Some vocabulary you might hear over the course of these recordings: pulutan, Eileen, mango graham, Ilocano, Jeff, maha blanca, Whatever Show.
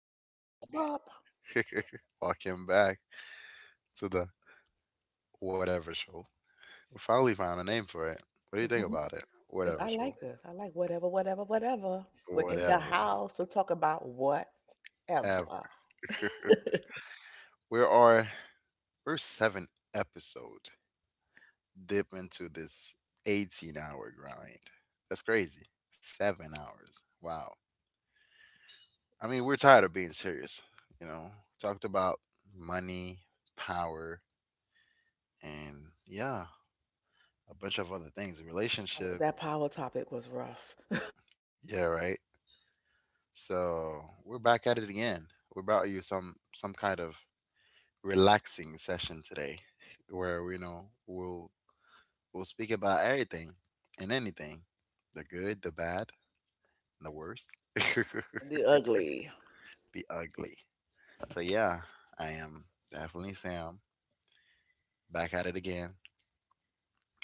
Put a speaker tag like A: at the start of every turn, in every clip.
A: up? What's up? What's
B: back.
A: up?
B: Welcome back to the Whatever Show. We finally found a name for it. What do you think about it? Whatever
A: I
B: Show.
A: like this. I like whatever, whatever, whatever. We're in the
B: Whatever.
A: house to talk about whatever.
B: Ev-
A: Oh.
B: we are, we're seven episode dip into this 18-hour grind. That's crazy. 7 hours. Wow. I mean, we're tired of being serious. You know, talked about money, power, and yeah, a bunch of other things, relationship.
A: That power topic was rough.
B: Yeah, right. So we're back at it again. We brought you some kind of relaxing session today, where we'll speak about everything and anything, the good, the bad, and the worst, the
A: And the ugly.
B: ugly. So yeah, I am definitely Sam back at it again,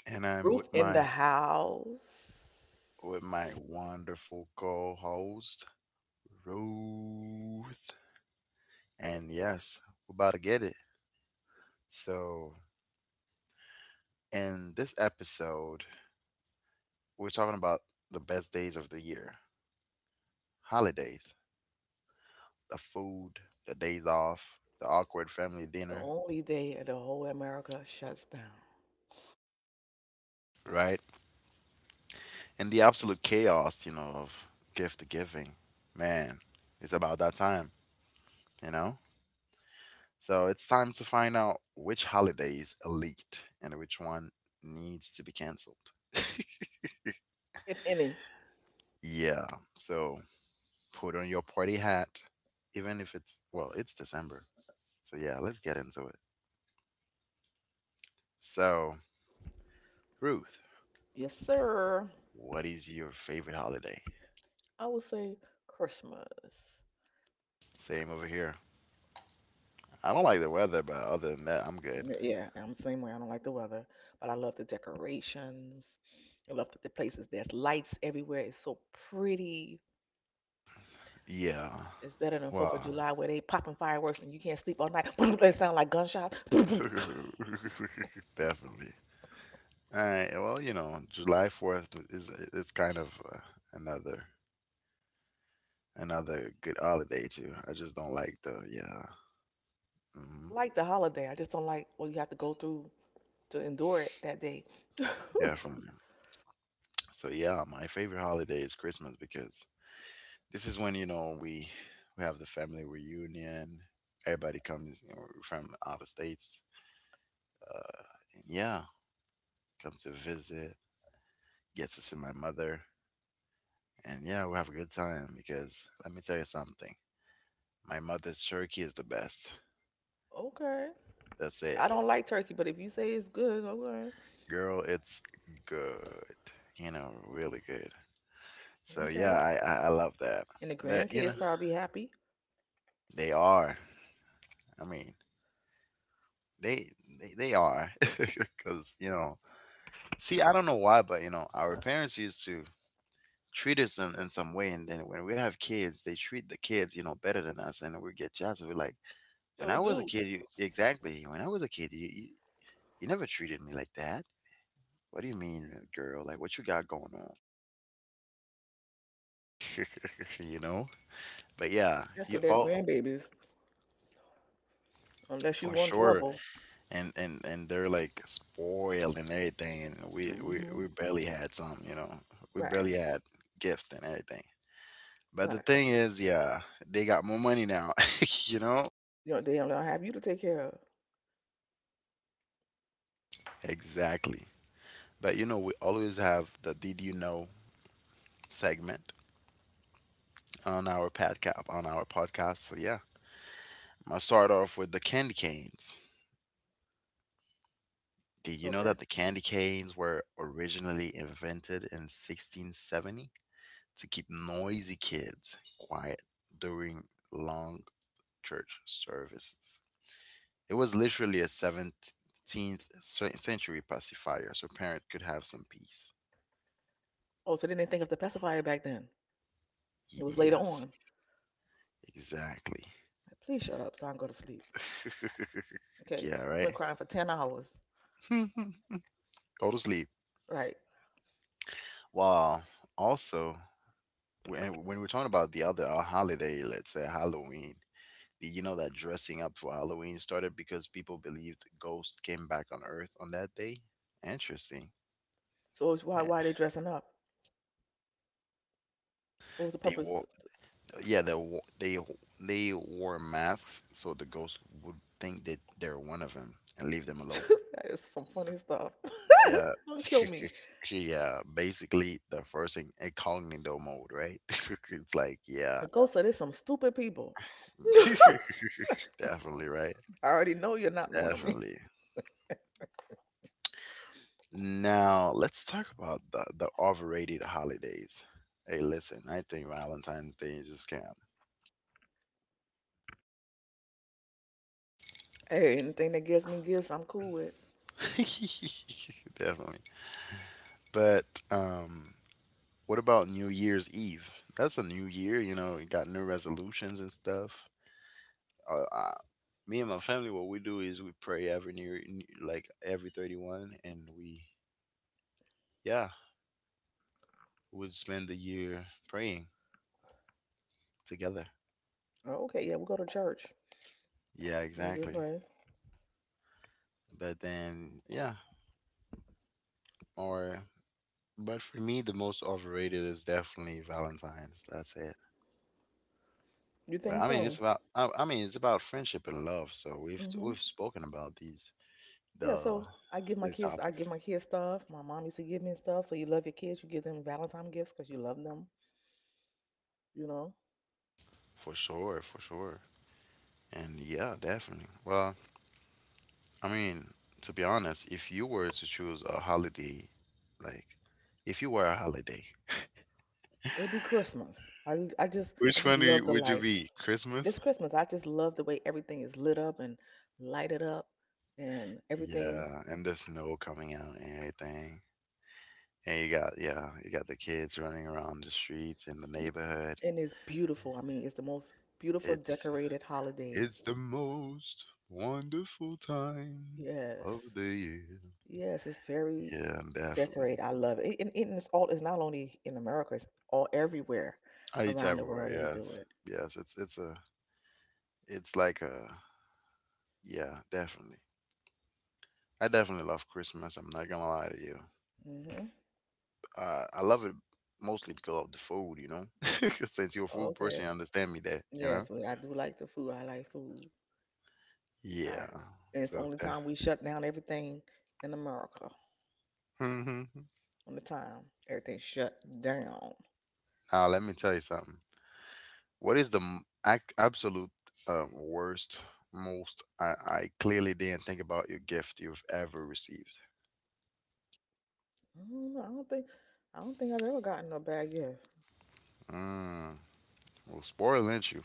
B: and I'm
A: Roof in the house.
B: with my wonderful co-host Ruth. And yes, we're about to get it. So in this episode, we're talking about the best days of the year, holidays, the food, the days off, the awkward family
A: The
B: dinner,
A: only day the whole America shuts down,
B: right? And the absolute chaos, of gift giving. Man, it's about that time, you know? So it's time to find out which holidays is elite and which one needs to be canceled.
A: if any.
B: Yeah, so put on your party hat, even if it's, well, it's December. So yeah, let's get into it. So, Ruth,
A: Yes, sir.
B: what is your favorite holiday?
A: I would say Christmas.
B: Same over here. I don't like the weather, but other than that, I'm good.
A: Yeah, I'm the same way. I don't like the weather, but I love the decorations. I love the places. There's lights everywhere. It's so pretty.
B: Yeah.
A: It's better than Fourth of
B: Wow.
A: July where they popping fireworks and you can't sleep all night. That sound like gunshots. I
B: Definitely. All right. Well, you know, July 4th is it's kind of another another good holiday too. I just don't like the yeah. hmm
A: like the holiday. I just don't like what you have to go through to endure it that day.
B: Definitely. So yeah, my favorite holiday is Christmas because this is when we have the family reunion. Everybody comes, you know, from out of states. Uh, and yeah, come to visit, get to see my mother, and yeah, we'll have a good time because let me tell you something. My mother's turkey is the best.
A: Okay.
B: That's it.
A: I don't like turkey, but if you say it's good, okay.
B: Girl, it's good. You know, really good. So yeah,
A: Okay.
B: I love that.
A: And the
B: But you know,
A: grandkids probably happy.
B: they are. I mean, they they are. Because, you know, see, I don't know why, but you know, our parents used to treat us in some way. And then when we have kids, they treat the kids, you know, better than us. And we get jealous. We're like, when
A: So
B: I was a
A: do.
B: kid, you exactly. When I was a kid, you you never treated me like that. What do you mean, girl? Like what you got going on? you know? But yeah,
A: That's
B: you
A: what they're
B: all
A: grandbabies. Unless you
B: for
A: want
B: sure.
A: trouble.
B: And and they're like spoiled and everything. And we we
A: Hmm.
B: we barely had some. You know, we
A: Right.
B: barely had gifts and everything. But the
A: Right.
B: thing is, yeah, they got more money now. you know?
A: You know, they don't have you to take care of.
B: Exactly. But you know, we always have the "Did you know?" segment on our podcast. So yeah. I'll start off with the candy canes. Did you know
A: Okay.
B: that the candy canes were originally invented in 1670 to keep noisy kids quiet during long church services? It was literally a 17th century pacifier so parents could have some peace.
A: Oh, so they didn't think of the pacifier back then. It was later on.
B: Yes, exactly.
A: Please shut up so I can go to sleep. Okay,
B: yeah,
A: you've
B: right?
A: been crying for 10 hours,
B: Go to sleep.
A: right?
B: Well, also, when we're talking about the other holiday, let's say Halloween, you know that dressing up for Halloween started because people believed ghosts came back on Earth on that day. Interesting.
A: So it's why
B: Eh,
A: why are they dressing up? What was the
B: They
A: purpose?
B: wore, yeah, they wore, they they wore masks so the ghosts would think that they're one of them and leave them alone.
A: That is some funny stuff.
B: Yeah,
A: Don't kill me.
B: yeah. Basically, the first thing incognito mode, right? it's like, yeah,
A: The ghost said there's some stupid people.
B: definitely, right?
A: I already know you're not one of me.
B: Definitely. Now let's talk about the overrated holidays. Hey, listen, I think Valentine's Day is a scam.
A: Hey, anything that gives me gifts, I'm cool with.
B: Definitely. But what about New Year's Eve? That's a new year, you know, you got new resolutions and stuff. Uh, uh, Me and my family, what we do is we pray every like every 31, and we, yeah, would spend the year praying together.
A: Oh, okay, yeah, we go to church.
B: Yeah,
A: We do
B: exactly.
A: pray.
B: But then, yeah, or but for me, the most overrated is definitely Valentine's. That's it.
A: You
B: But
A: think
B: I mean, it's
A: so?
B: about I mean, it's about friendship and love. So we've
A: Hmm.
B: we've spoken about
A: Yeah.
B: the
A: So I give my
B: these
A: kids, I
B: topics
A: give my kids stuff. My mom used to give me stuff. So you love your kids, you give them Valentine gifts because you love them. You know.
B: for sure, for sure. And yeah, definitely. Well, I mean, to be honest, if you were to choose a holiday, like if you were a holiday,
A: It'll be Christmas. I I just I
B: which
A: just
B: one do you,
A: love the
B: would you
A: lights.
B: be?
A: It's
B: Christmas?
A: Christmas. I just love the way everything is lit up and lighted up and everything.
B: Yeah, and the snow coming out and everything. And you got yeah, you got the kids running around the streets in the
A: y-
B: neighborhood.
A: and it's beautiful. I mean, it's the most beautiful
B: It's
A: decorated holiday.
B: it's the most wonderful time of
A: Yes.
B: the year.
A: Yes, it's very
B: Yeah,
A: decorated.
B: definitely.
A: I love it. And it's not only in America, it's all everywhere
B: I eat
A: around the world
B: everywhere.
A: they do
B: Yes,
A: it.
B: yes. It's a it's like a yeah, definitely. I definitely love Christmas. I'm not gonna lie to you.
A: Hmm.
B: I love it mostly because of the food. You know, since you're a food
A: Okay.
B: person, you understand me there. You
A: Yes,
B: know.
A: we. I do like the food. I like food. I,
B: Yeah.
A: and it's the
B: So
A: only
B: that.
A: time we shut down everything in America.
B: Now
A: On the time everything shut down.
B: let me tell you something. What is the absolute worst, most I clearly didn't think about your gift you've ever received?
A: I don't know. I don't think I've ever gotten a bad gift.
B: Mm, well, spoil, ain't you?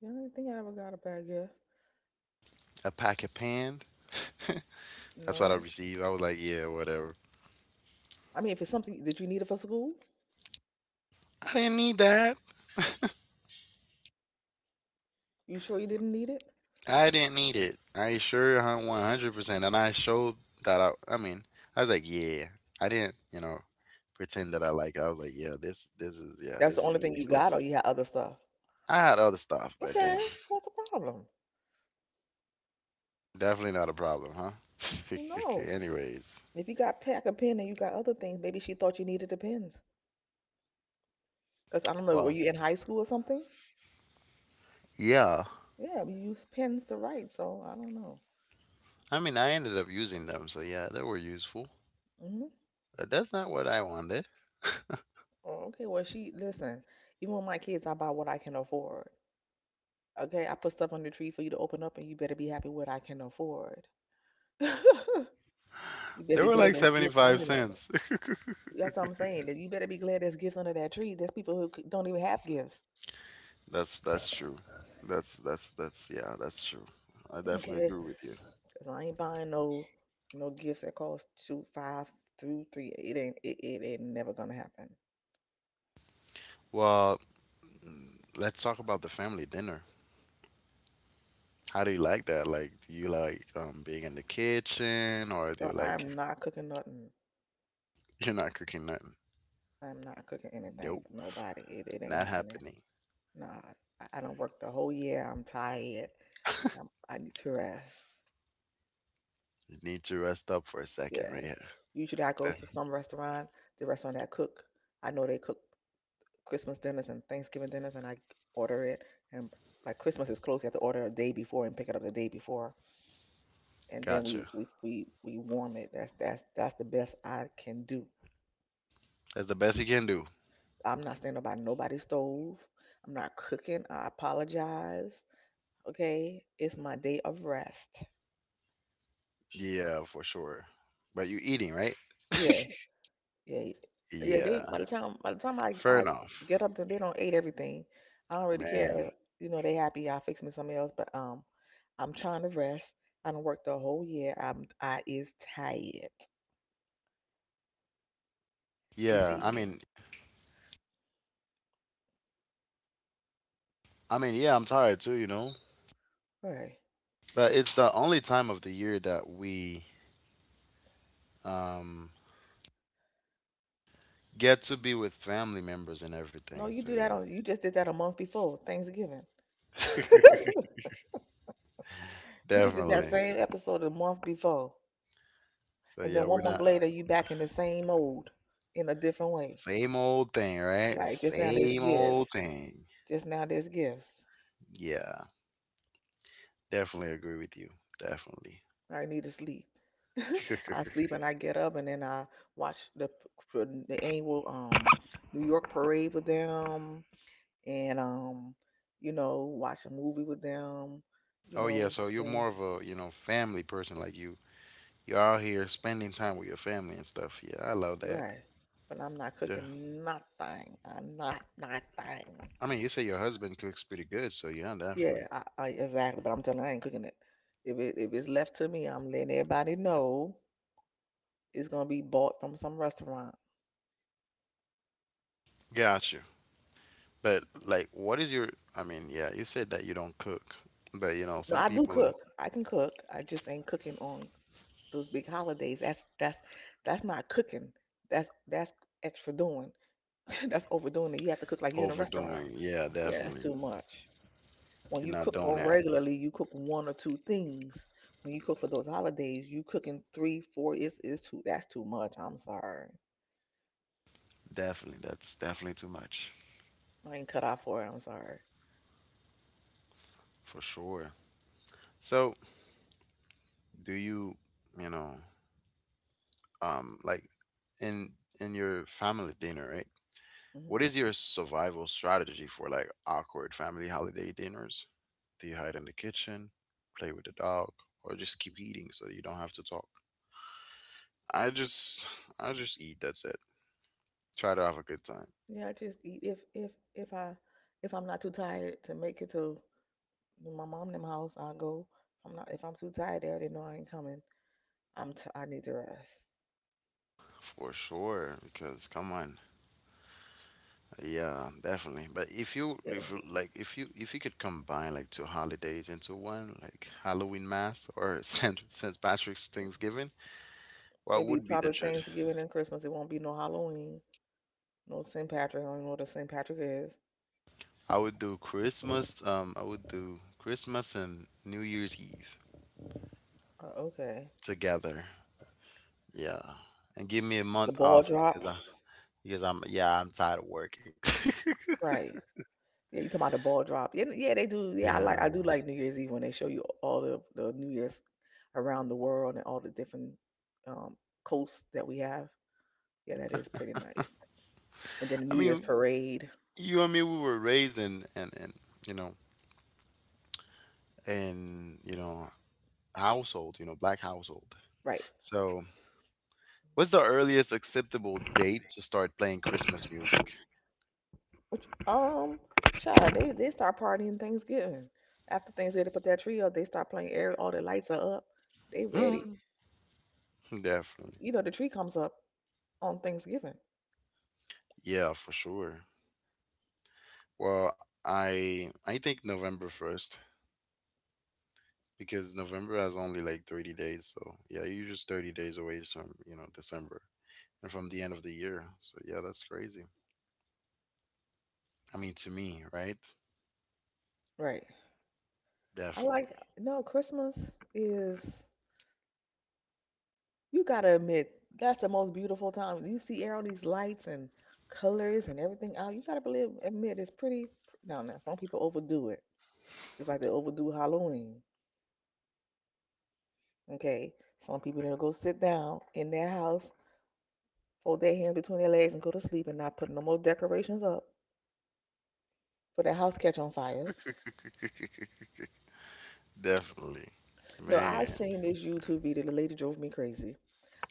A: Yeah, I don't think I ever got a bad gift.
B: A pack of panned? That's what I
A: No.
B: received. I was like, yeah, whatever.
A: I mean, if it's something that you needed for school,
B: I didn't need that.
A: you sure you didn't need it?
B: I didn't need it. I sure 100%. And I showed that I mean, I was like, yeah. I didn't, you know, pretend that I like it. I was like, yeah, yeah,
A: That's
B: this
A: the
B: is
A: only thing you got,
B: ridiculous.
A: or you had other stuff.
B: I had other stuff, but
A: Okay,
B: then
A: so what's the problem?
B: definitely not a problem, huh?
A: Well, no.
B: Anyways,
A: If you got pack a pen and you got other things, maybe she thought you needed the pens. Cause I don't know, were
B: well,
A: you in high school or something?
B: yeah.
A: Yeah, we use pens to write, so I don't know.
B: I mean, I ended up using them, so yeah, they were useful.
A: Hmm.
B: But that's not what I wanted.
A: Oh, okay, well she listen. Even with my kids, I buy what I can afford. Okay, I put stuff on the tree for you to open up, and you better be happy what I can afford. You better
B: They
A: be
B: were
A: glad
B: like
A: there's gifts
B: 75
A: under there.
B: cents.
A: That's what I'm saying. That you better be glad there's gifts under that tree. There's people who don't even have gifts.
B: That's true. That's yeah, that's true. I definitely
A: Okay,
B: agree with you.
A: so I ain't buying no gifts that cost two, five, two, three. It ain't never gonna happen.
B: Well, mm, let's talk about the family dinner. How do you like that? Like, do you like being in the kitchen, or do
A: Bro,
B: you
A: I
B: like
A: am not cooking nothing.
B: you're not cooking nothing?
A: I'm not cooking anything
B: Nope,
A: for nobody. It ain't
B: not
A: happening.
B: happening.
A: Nah, I don't work the whole year. I'm tired. I need to rest.
B: You need to rest up for a second right
A: Yes.
B: here.
A: Usually I go to some restaurant, the restaurant that cook. I know they cook Christmas dinners and Thanksgiving dinners, and I order it. And like Christmas is close, you have to order a day before and pick it up the day before. And then
B: Gotcha.
A: we warm it. That's the best I can do.
B: That's the best you can do.
A: I'm not standing by nobody's stove. I'm not cooking. I apologize. Okay? It's my day of rest.
B: Yeah, for sure. But you eating, right?
A: Yeah. Yeah, yeah. They
B: Yeah.
A: by the time I
B: Fair
A: I
B: enough.
A: get up to, they don't ate everything. I don't really
B: Man.
A: care. You know, they happy. I fix me something else, but I'm trying to rest. I don't work the whole year. I is tired. You
B: Yeah,
A: see,
B: I mean yeah, I'm tired too, you know.
A: right?
B: But it's the only time of the year that we um get to be with family members and
A: No,
B: everything.
A: you
B: So
A: do that
B: yeah.
A: on. You just did that a month before Thanksgiving. You just did that
B: Definitely.
A: same episode a month before,
B: So
A: and
B: yeah,
A: then
B: we're
A: one month
B: not
A: later, you back in the same mode in a different way.
B: same old thing, right?
A: Right? Just now, there's
B: Same
A: gifts.
B: old thing.
A: Just now, there's gifts.
B: Yeah. Definitely agree with you. Definitely.
A: I need to sleep. I sleep and I get up and then I watch the annual New York parade with them, and watch a movie with them, you
B: Oh yeah,
A: know
B: so you're
A: and
B: more of a, you know, family person. Like you you're out here spending time with your family and stuff. Yeah, I love that.
A: Right. But I'm not
B: Yeah.
A: cooking nothing. I'm not nothing.
B: I mean you say your husband cooks pretty good, so yeah, definitely.
A: Yeah, I exactly. But I'm telling you, I ain't cooking it. If it's left to me, I'm letting everybody know it's gonna be bought from some restaurant.
B: Got you. But like what is your I mean, yeah, you said that you don't cook. But you know,
A: No,
B: some
A: I do
B: people are
A: cook. I can cook. I just ain't cooking on those big holidays. That's not cooking. That's extra doing. That's overdoing it. You have to cook like you're in a restaurant.
B: overdoing. Yeah,
A: Yeah, that's
B: definitely.
A: too much. When
B: You're
A: you
B: not
A: cook
B: doing
A: on
B: that.
A: regularly, you cook one or two things. When you cook for those holidays, you cooking three, four. It's is too. That's too much. I'm sorry.
B: Definitely. That's definitely too much.
A: I ain't cut out for it. I'm sorry.
B: For sure. So do you you know, like in in your family dinner, right?
A: Hmm.
B: What is your survival strategy for like awkward family holiday dinners? Do you hide in the kitchen, play with the dog, or just keep eating so you don't have to talk? I just I just eat, that's it. Try to have a good time.
A: Yeah, I just eat. If I'm not too tired to make it to my mom them house, I'll go. I'm not. If I'm too tired, they already know I ain't coming. I need to rest.
B: For sure, because come on, yeah, definitely. But
A: Yeah.
B: if you could combine like two holidays into one, like Halloween Mass or Saint Patrick's Thanksgiving, what
A: It'll be
B: would be the
A: probably
B: tradition?
A: Thanksgiving and Christmas. It won't be no Halloween, no St. Patrick. I don't even know what a St. Patrick is.
B: I would do Christmas. I would do Christmas and New Year's Eve
A: Okay.
B: together. Yeah, and give me a
A: The
B: month
A: ball
B: off
A: drop.
B: because I because I'm yeah I'm tired of working.
A: Right. Yeah, you talking about the ball drop. Yeah, yeah, they do. Yeah,
B: Yeah.
A: I do like New Year's Eve when they show you all the New Year's around the world and all the different um coasts that we have. Yeah, that is pretty nice. And then the
B: I
A: New Year's
B: mean,
A: parade.
B: you and me, we were raised in, you know, in, you know, household, you know, black household.
A: Right.
B: So what's the earliest acceptable date to start playing Christmas music?
A: Which child, they start partying Thanksgiving. After Thanksgiving they put that tree up, they start playing air, all the lights are up. They ready.
B: Hmm, definitely.
A: You know, the tree comes up on Thanksgiving.
B: Yeah, for sure. Well, I think November 1st because November has only like 30 days, so yeah, you're just 30 days away from, you know, December and from the end of the year. So yeah, that's crazy. I mean, to me, right?
A: Right. I like,
B: Definitely.
A: no, Christmas is, you gotta admit, that's the most beautiful time. You see all these lights and colors and everything out. You gotta believe, admit, it's pretty. Now, some people overdo it, just like they overdo Halloween. Okay, some people then go sit down in their house, fold their hands between their legs, and go to sleep, and not put no more decorations up for their house catch on fire.
B: Definitely.
A: No, I
B: Man.
A: seen this YouTube video. The lady drove me crazy.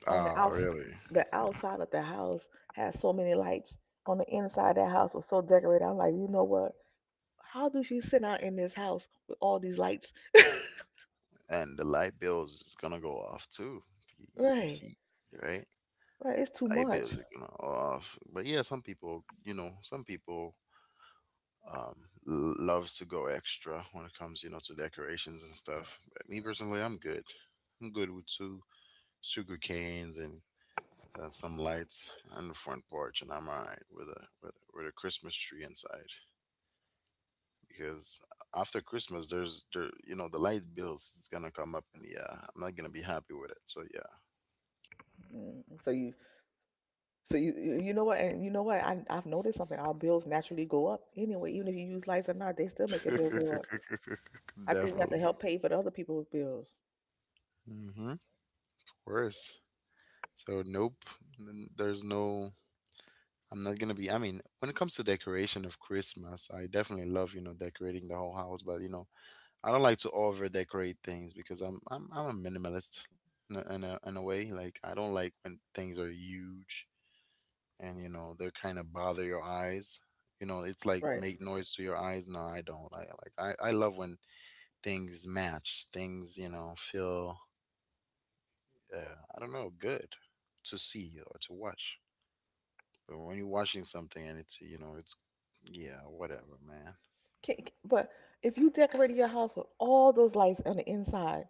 A: On the
B: Ah,
A: outs
B: really?
A: The outside of the house has so many lights. On the inside of that house was so decorated. I'm like, you know what? How do she sit out in this house with all these lights?
B: And the light bills is gonna go off too.
A: Right,
B: Gee, Right?
A: right. It's too
B: Ideas
A: much.
B: are kind of off. But yeah, some people, you know, some people um, love to go extra when it comes, you know, to decorations and stuff. But me personally, I'm good. I'm good with two sugar canes and some lights on the front porch, and I'm alright with a with a Christmas tree inside. Because after Christmas, there's there, you know, the light bills is gonna come up, and yeah, I'm not gonna be happy with it. So
A: Mm, So you, so you know what? And you know what? I've noticed something. Our bills naturally go up anyway, even if you use lights or not. They still make your
B: yeah,
A: bill go up. I think we have to
B: definitely.
A: help pay for the other people's bills.
B: Mm-hmm. Worse. So nope, there's no. I'm not gonna be. I mean, when it comes to decoration of Christmas, I definitely love decorating the whole house, but I don't like to over decorate things because I'm a minimalist in a way. Like I don't like when things are huge and they're kind of bother your eyes. You know, it's like
A: Right.
B: make noise to your eyes. No, I don't. I I love when things match. Things feel. Uh, I don't know, good to see or to watch. But when you're watching something and it's, you know, it's, yeah, whatever, man.
A: Can, but if you decorated your house with all those lights on the inside.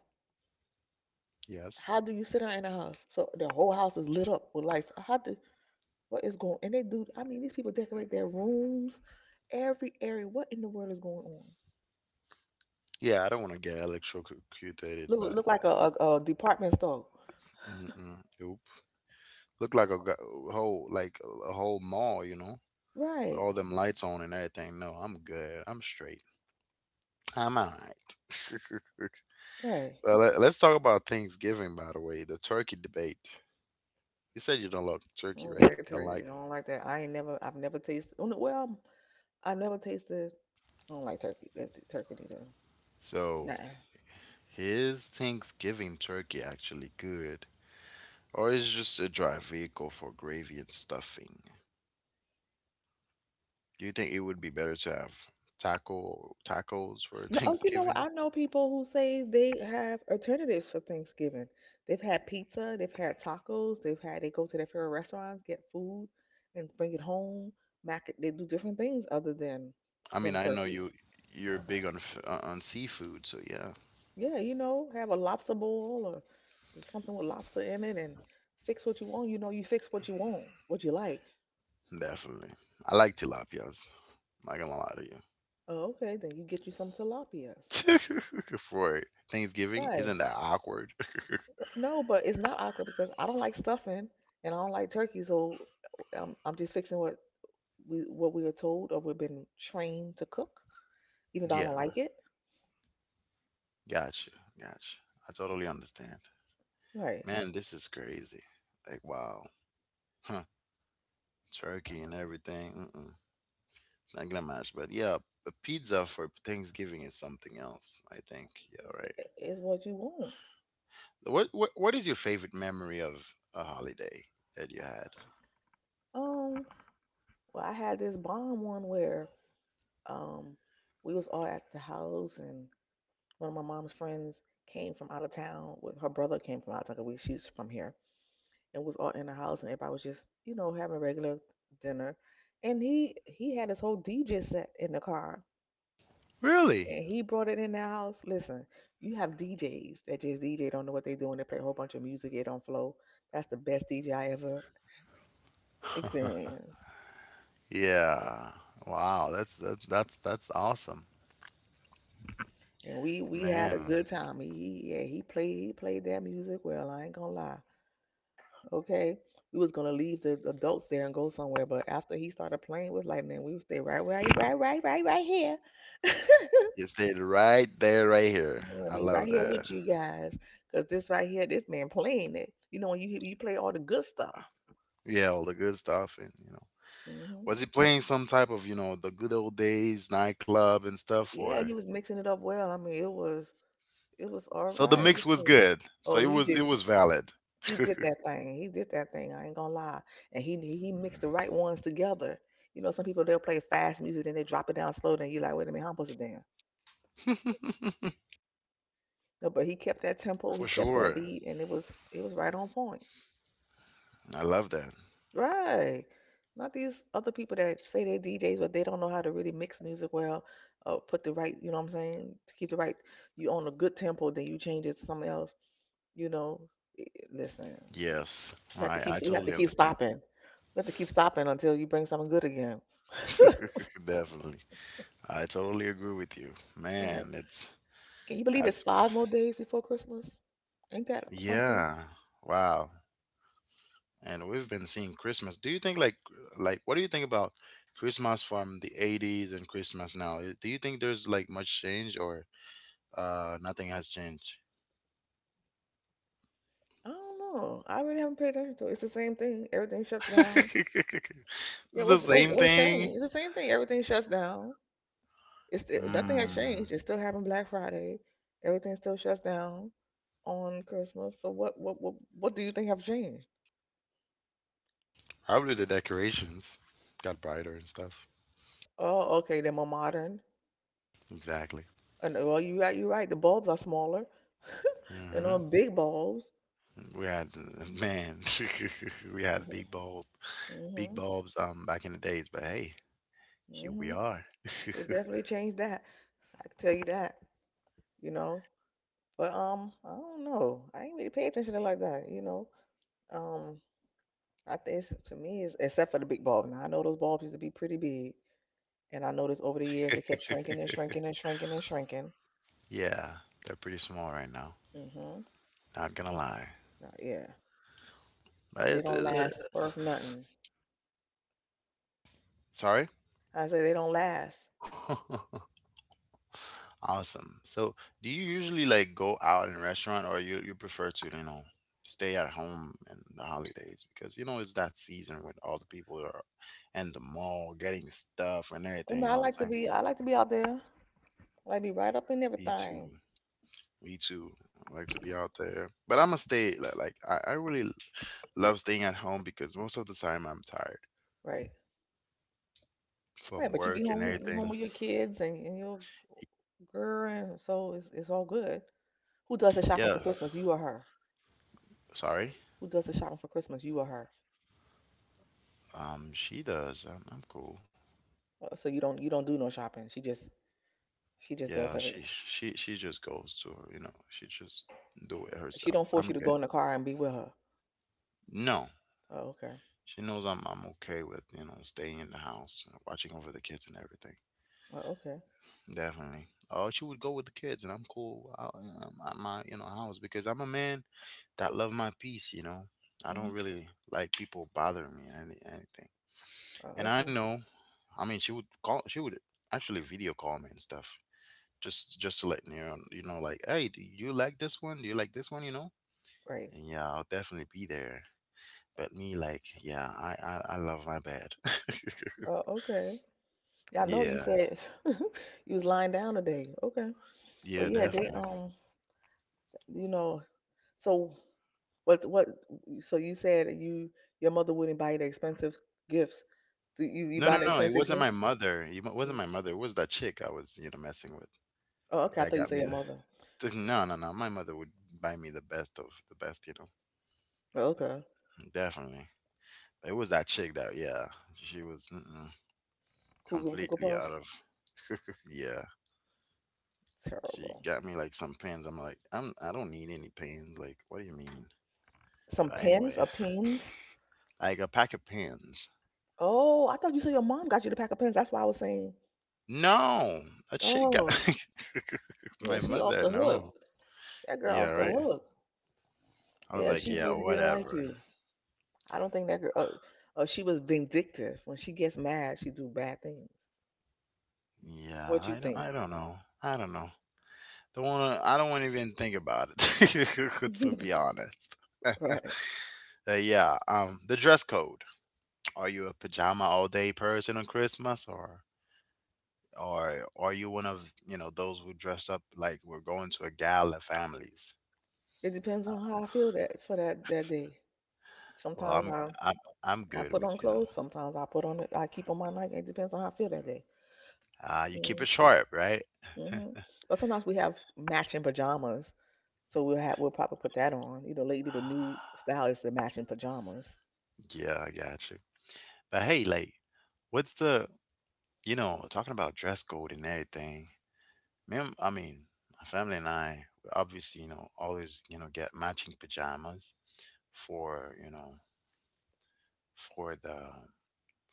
B: Yes.
A: How do you sit down in a house? So the whole house is lit up with lights. How do what is going? And they do. I mean, these people decorate their rooms, every area. What in the world is going on?
B: Yeah, I don't want to get electrocuted
A: Look,
B: by,
A: look like a department store.
B: mm-mm, oop. Look like a whole, like a whole mall, you know, with
A: Right,
B: all them lights on and everything. No, I'm good. I'm straight. I'm all right.
A: right.
B: Well, let's talk about Thanksgiving, by the way, the turkey debate. You said you don't like
A: I
B: turkey,
A: don't
B: right?
A: like
B: You don't
A: turkey. I
B: like it.
A: don't like that. I ain't never. I've never tasted. Oh, no. Well, I've never tasted. I don't like turkey. That turkey either.
B: So,
A: Nah.
B: his Thanksgiving turkey actually good. Or is just a dry vehicle for gravy and stuffing? Do you think it would be better to have tacos for
A: No, oh, you know what?
B: Thanksgiving?
A: I know people who say they have alternatives for Thanksgiving. They've had pizza, they've had tacos, they go to their favorite restaurants, get food, and bring it home. Mac, they do different things other than
B: I mean,
A: than
B: I know
A: turkey.
B: you're big on on seafood, so yeah,
A: Yeah, you know, have a lobster bowl or something with lobster in it, and fix what you want. You know, you fix what you want, what you like.
B: definitely. I like tilapias. Not gonna lie
A: Oh, okay, then you get you some tilapias.
B: to you. For Thanksgiving,
A: Right.
B: isn't that awkward?
A: No, but it's not awkward because I don't like stuffing and I don't like turkey, so I'm just fixing what we are told or we've been trained to cook, even though I don't
B: Yeah,
A: like it.
B: gotcha, gotcha. I totally understand.
A: Right,
B: Man, this is crazy. Like, wow, huh? Turkey and everything. Mm-mm. Not gonna match, but yeah, a pizza for Thanksgiving is something else, I think. Yeah, right.
A: is what you want.
B: What is your favorite memory of a holiday that you had?
A: Um, well, I had this bomb one where um we was all at the house and one of my mom's friends came from out of town. With her brother came from out of town, 'cause We she's from here and was all in the house and everybody was just having a regular dinner. And he had his whole DJ set in the car,
B: Really?
A: and he brought it in the house. Listen, you have DJs that just DJ don't know what they're doing. They play a whole bunch of music. It don't flow. That's the best DJ I ever experienced.
B: Yeah. Wow. That's that's awesome,
A: And we had a
B: man.
A: good time. Yeah, he played that music well. I ain't gonna lie. Okay, we was gonna leave the adults there and go somewhere, but after he started playing, it was like, man, we would stay right right right right right right here.
B: You stayed right there, right here.
A: Lord,
B: I
A: we right
B: love
A: here
B: that.
A: with you guys, cause this right here, this man playing it. You know when you play all the good stuff.
B: Yeah, all the good stuff, and
A: Mm-hmm.
B: was he playing some type of the good old days nightclub and stuff,
A: Yeah,
B: or?
A: he was mixing it up well. I mean, it was all
B: So the
A: right.
B: mix
A: What's
B: was
A: that?
B: good. So
A: Oh, he
B: it
A: did
B: was valid.
A: he did that thing. He did that thing. I ain't gonna lie. And he mixed the right ones together. You know, some people they'll play fast music and they drop it down slow. Then you're like, wait a minute, how am I supposed to dance? No, but he kept that tempo. He
B: For
A: kept that
B: sure.
A: beat, and it was right on point.
B: I love that.
A: Right. Not these other people that say they're DJs, but they don't know how to really mix music well, put the right, you know what I'm saying, to keep the right. You on a good tempo, then you change it to something else. You know, i- listen,
B: Yes,
A: we have to keep
B: I
A: we have to
B: totally
A: keep
B: understand.
A: stopping. We have to keep stopping until you bring something good again.
B: Definitely. I totally agree with you.
A: Right.
B: Man, it's
A: Can you believe it's
B: has
A: 5 more days before Christmas? Ain't that something?
B: yeah. Wow. And we've been seeing Christmas. Do you think like what do you think about Christmas from the eighties and Christmas now? Do you think there's like much change or nothing has changed?
A: I don't know. I really haven't paid attention to it. It's the same thing. Everything shuts down. Yeah,
B: It's the
A: what's what's
B: same
A: what's
B: thing.
A: changed? It's the same thing. Everything shuts down. Nothing has
B: Mm,
A: changed. It's still having Black Friday. Everything still shuts down on Christmas. So what do you think have changed?
B: probably the decorations got brighter and stuff.
A: Oh, okay, they're more modern.
B: Exactly.
A: And well, you right, you right. The bulbs are smaller. They're
B: Mm-hmm.
A: on big bulbs.
B: We had man, we had big
A: Mhm,
B: bulbs back in the days, but hey, here we
A: mhm.
B: are.
A: It definitely changed that. I can tell you that. You know, but I don't know. I ain't really pay attention to it like that. You know, um, I think to me is except for the big bulb. Now I know those bulbs used to be pretty big, and I noticed over the years they kept shrinking and shrinking and shrinking and shrinking.
B: Yeah, they're pretty small right now.
A: Mhm.
B: Not gonna lie.
A: Yeah,
B: But
A: and they don't last worth nothing.
B: sorry.
A: I say they don't last.
B: Awesome. So, do you usually like go out in a restaurant, or you prefer to stay at home in the holidays because you know it's that season when all the people are in the mall getting stuff and
A: But no,
B: everything. You
A: I
B: know what I'm
A: like to
B: saying?
A: be. I like to be out there. I like to be right up in
B: Me too.
A: everything.
B: Me too. I like to be out there, but I'm gonna stay. Like I really love staying at home because most of the time I'm tired
A: Right. Right,
B: from
A: but you be
B: work and
A: home you home
B: everything.
A: with your kids and your girl, and so it's all good. Who does the shopping for
B: Yeah,
A: Christmas? You or her?
B: sorry.
A: Who does the shopping for Christmas? You or her?
B: She does. I'm cool.
A: So you don't do no shopping. She just
B: Yeah,
A: does everything.
B: she just goes to she just do it
A: She
B: herself.
A: don't force
B: I'm
A: you to
B: good.
A: go in the car and be with her.
B: No,
A: Oh, okay.
B: she knows I'm okay with staying in the house, watching over the kids and everything.
A: Oh, okay.
B: Definitely. Oh, she would go with the kids, and I'm cool out in my, you know house because I'm a man that love my peace, you know. I
A: Hmm.
B: don't really like people bothering me or anything.
A: Oh,
B: And I
A: okay.
B: know, I mean, she would call, she would actually video call me and stuff, just to let me know, you know, like, hey, do you like this one? Do you like this one? You know?
A: Right.
B: And yeah, I'll definitely be there. But me, like, yeah, I love my bed.
A: Oh, okay. Yeah, I know you
B: Yeah,
A: said you was lying down today. Okay. But
B: yeah,
A: yeah, they
B: definitely.
A: you know, so. What? So you said that your mother wouldn't buy you the expensive gifts. Do you
B: No,
A: buy
B: no,
A: the
B: no, it
A: expensive
B: wasn't my
A: gifts?
B: mother. Wasn't
A: Mm.
B: my mother. It was that chick I was, you know, messing with.
A: Oh, okay. I
B: That
A: thought you
B: got
A: said
B: me
A: your
B: the.
A: mother.
B: No, no, no. My mother would buy me the best of the best, you know.
A: Oh, okay.
B: Definitely. It was that chick that, yeah, she was mm-mm,
A: Cool Cocoa
B: completely
A: Puffs.
B: out of, yeah. She
A: Terrible.
B: got me like some pins. I'm like, I don't need any pins. Like, what do you mean?
A: Some
B: But
A: pens
B: anyway,
A: or pens.
B: like a pack of pins.
A: Oh, I thought you said your mom got you the pack of pens. That's why I was saying.
B: No, a chick got
A: Oh, yeah.
B: my
A: She off
B: mother.
A: the
B: No.
A: hook. That girl
B: Yeah,
A: off the
B: right.
A: hook.
B: I was
A: Yeah,
B: like,
A: she
B: yeah,
A: really didn't like
B: whatever.
A: you. I don't think that girl. She was vindictive. When she gets mad, she do bad things.
B: Yeah,
A: What you think?
B: I don't know. I don't know. Don't wanna, I don't wanna even think about it, to be honest.
A: Right.
B: Yeah, the dress code. Are you a pajama all day person on Christmas, or are you one of those who dress up like we're going to a gala families?
A: It depends on how I feel that for that that day.
B: Well,
A: Sometimes I
B: I'm I'm good
A: put on
B: with you know.
A: clothes. Sometimes I put on it. I keep on my night. It depends on how I feel that day.
B: You keep
A: Mm-hmm.
B: it sharp, right?
A: Mm-hmm. But sometimes we have matching pajamas, so we'll probably put that on. You know, lately the new style is the matching pajamas.
B: Yeah, I got you. But hey, like, what's the, you know, talking about dress code and everything, I mean, my family and I obviously, you know, always, you know, get matching pajamas for, you know, for the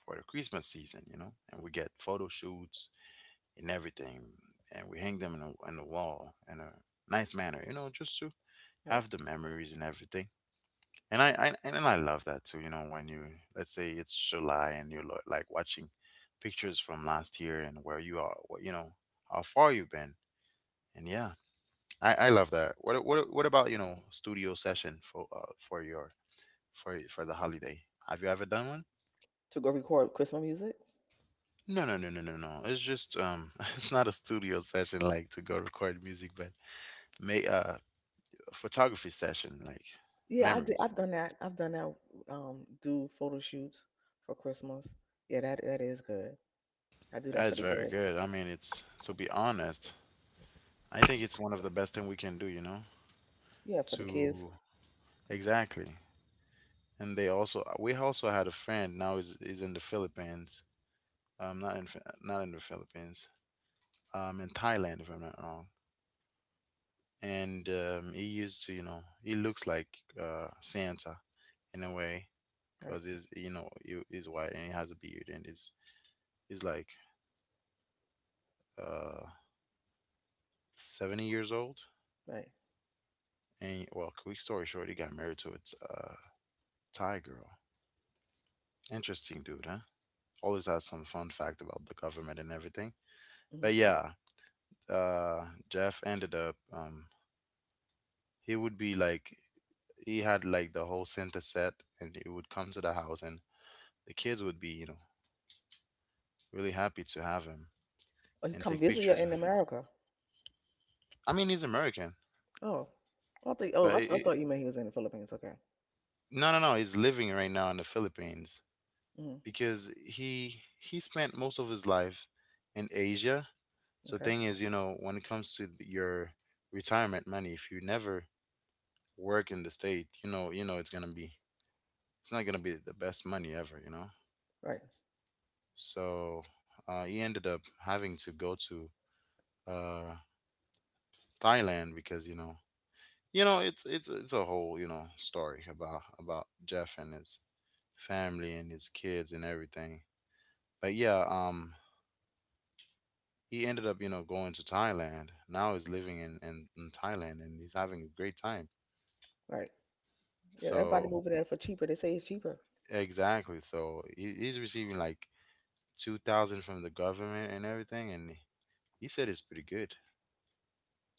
B: for the Christmas season, you know, and we get photo shoots and everything, and we hang them in on the wall in a nice manner, you know, just to
A: Right.
B: have the memories and everything. And I and I love that too, you know, when you let's say it's July and you're like watching pictures from last year and where you are, what you know, how far you've been, and yeah, I love that. What about you know studio session for your for the holiday? Have you ever done one?
A: To go record Christmas music.
B: No, no, no, no, no, no. It's just it's not a studio session like to go record music, but may photography session like
A: Yeah, I did,
B: memories.
A: I've done that. I've done that. Do photo shoots for Christmas. Yeah, that is good. I do
B: That
A: that
B: is
A: for the
B: very
A: kids.
B: good. I mean, it's to be honest, I think it's one of the best thing we can do. You know,
A: Yeah, for the kids.
B: to exactly. And they also we also had a friend now is in the Philippines. Not in not in the Philippines. In Thailand, if I'm not wrong. And he used to he looks like Santa in a way
A: Right.
B: because he's you know he, he's white and he has a beard and he's like uh, 70 years old.
A: Right.
B: And well quick story short, he got married to a Thai girl. Interesting dude, huh? Always has some fun fact about the government and everything.
A: Hmm.
B: But yeah, Jeff ended up he would be like he had like the whole Santa set and he would come to the house and the kids would be you know really happy to have him
A: Or you
B: and
A: come
B: take
A: visit you
B: pictures.
A: in America.
B: I mean, he's American,
A: Oh, I think. Oh,
B: but
A: I, th- I thought you meant he was in the Philippines. Okay.
B: no, no, no. He's living right now in the Philippines
A: Hmm.
B: because he spent most of his life in Asia. So
A: Okay.
B: thing is, you know, when it comes to your retirement money, if you never work in the state, you know, it's gonna be it's not gonna be the best money ever, you know.
A: Right.
B: So he ended up having to go to uh, Thailand because you know it's a whole you know story about Jeff and his family and his kids and everything. But yeah, he ended up you know going to Thailand. Now he's living in in Thailand and he's having a great time.
A: Right. Yeah. Everybody
B: So
A: moving there for cheaper. They say it's cheaper.
B: exactly, so he's receiving like 2000 from the government and everything, and he said it's pretty good.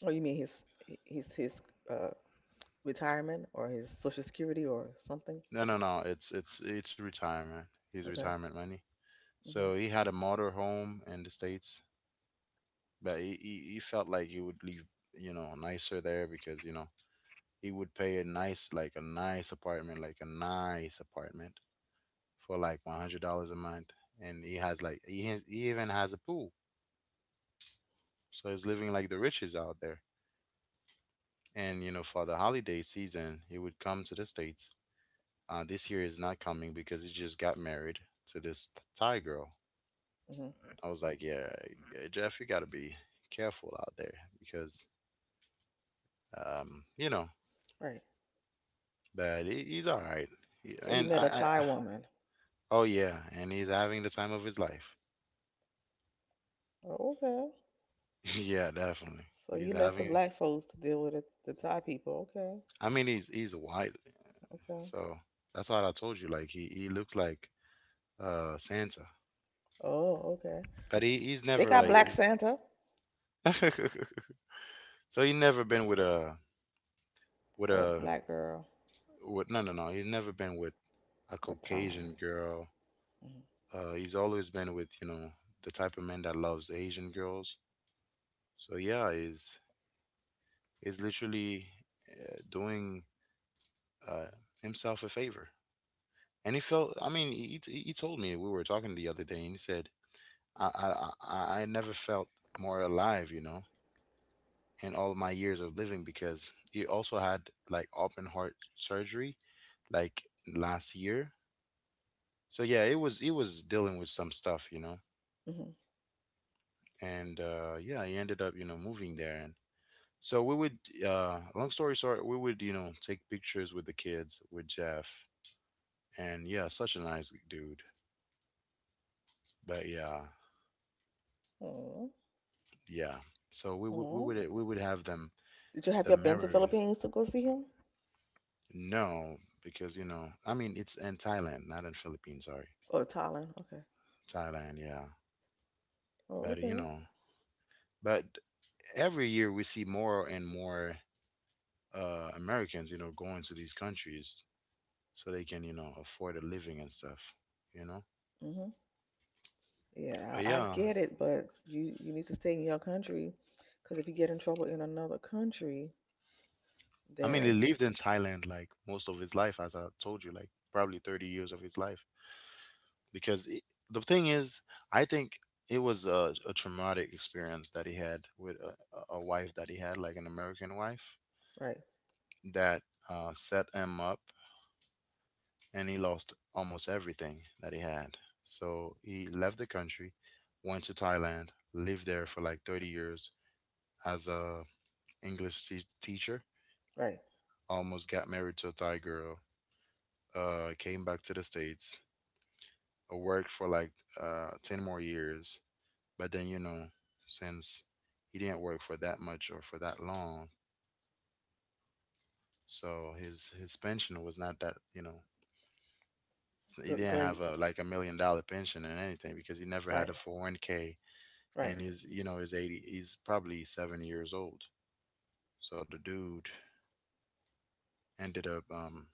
A: Oh, you mean his his his uh retirement or his social security or something?
B: No, no, no, it's retirement, his
A: Okay.
B: retirement money. So
A: Okay.
B: he had a motor home in the states, but he felt like he would leave you know nicer there because you know he would pay a nice like a nice apartment for like $100 a month. And he has like he even has a pool, so he's living like the riches out there. And you know for the holiday season he would come to the states. This year is not coming because he just got married to this Thai girl.
A: Hmm.
B: I was like, yeah, Jeff, you gotta be careful out there because you know,
A: Right.
B: but he's all right.
A: So he
B: And
A: met a Thai
B: I,
A: woman.
B: oh yeah, and he's having the time of his life.
A: Oh, okay.
B: Yeah, definitely.
A: So he
B: He's
A: left the
B: having.
A: black folks to deal with it. The Thai people. Okay.
B: I mean, he's white,
A: Okay.
B: so that's what I told you. Like he looks like Santa,
A: Oh, okay.
B: but he he's
A: They
B: never
A: got
B: like
A: Black
B: he's.
A: Santa.
B: So he never been with a with
A: Oh,
B: a
A: black girl,
B: with no no no. He's never been with a
A: a Thai.
B: Caucasian girl. He's always been with you know the type of man that loves Asian girls. So yeah, he's literally doing uh, himself a favor. And he felt, I mean, he told me. We were talking the other day, and he said, I, I, I never felt more alive, you know, in all my years of living, because he also had like open heart surgery like last year. So yeah, it was dealing with some stuff, you know,
A: Mm-hmm.
B: and yeah, he ended up, you know, moving there. And so long story short, we would, you know, take pictures with the kids, with Jeff. And yeah, such a nice dude. But yeah. Yeah. So we would we
A: Oh.
B: would we would have them
A: Did you Have
B: the
A: you been to
B: memory.
A: Philippines to go see him
B: No, because you know, I mean, it's in Thailand, not in Philippines. Sorry,
A: or Thailand? Okay.
B: Thailand. Yeah,
A: Oh,
B: but you
A: okay.
B: know, but every year we see more and more Americans, you know, going to these countries so they can, you know, afford a living and stuff. You know,
A: Mhm. Yeah,
B: but
A: I
B: yeah,
A: get it, but you need to stay in your country, because if you get in trouble in another country,
B: I mean, he
A: then
B: lived in Thailand like most of his life, as I told you, like probably 30 years of his life. because it, the thing is, I think it was a traumatic experience that he had with a wife that he had, like an American wife,
A: right,
B: that set him up, and he lost almost everything that he had. So he left the country, went to Thailand, lived there for like 30 years as a teacher.
A: right,
B: Almost got married to a Thai girl. Came back to the states, worked for like ten more years, but then you know, since he didn't work for that much or for that long, so his pension was not that, you know, he
A: gr-
B: didn't
A: great,
B: have a like a $1 million pension and anything, because he never
A: right,
B: had a 401k.
A: right,
B: And he's, you know, he's 80, he's probably 70 years old. So the dude ended up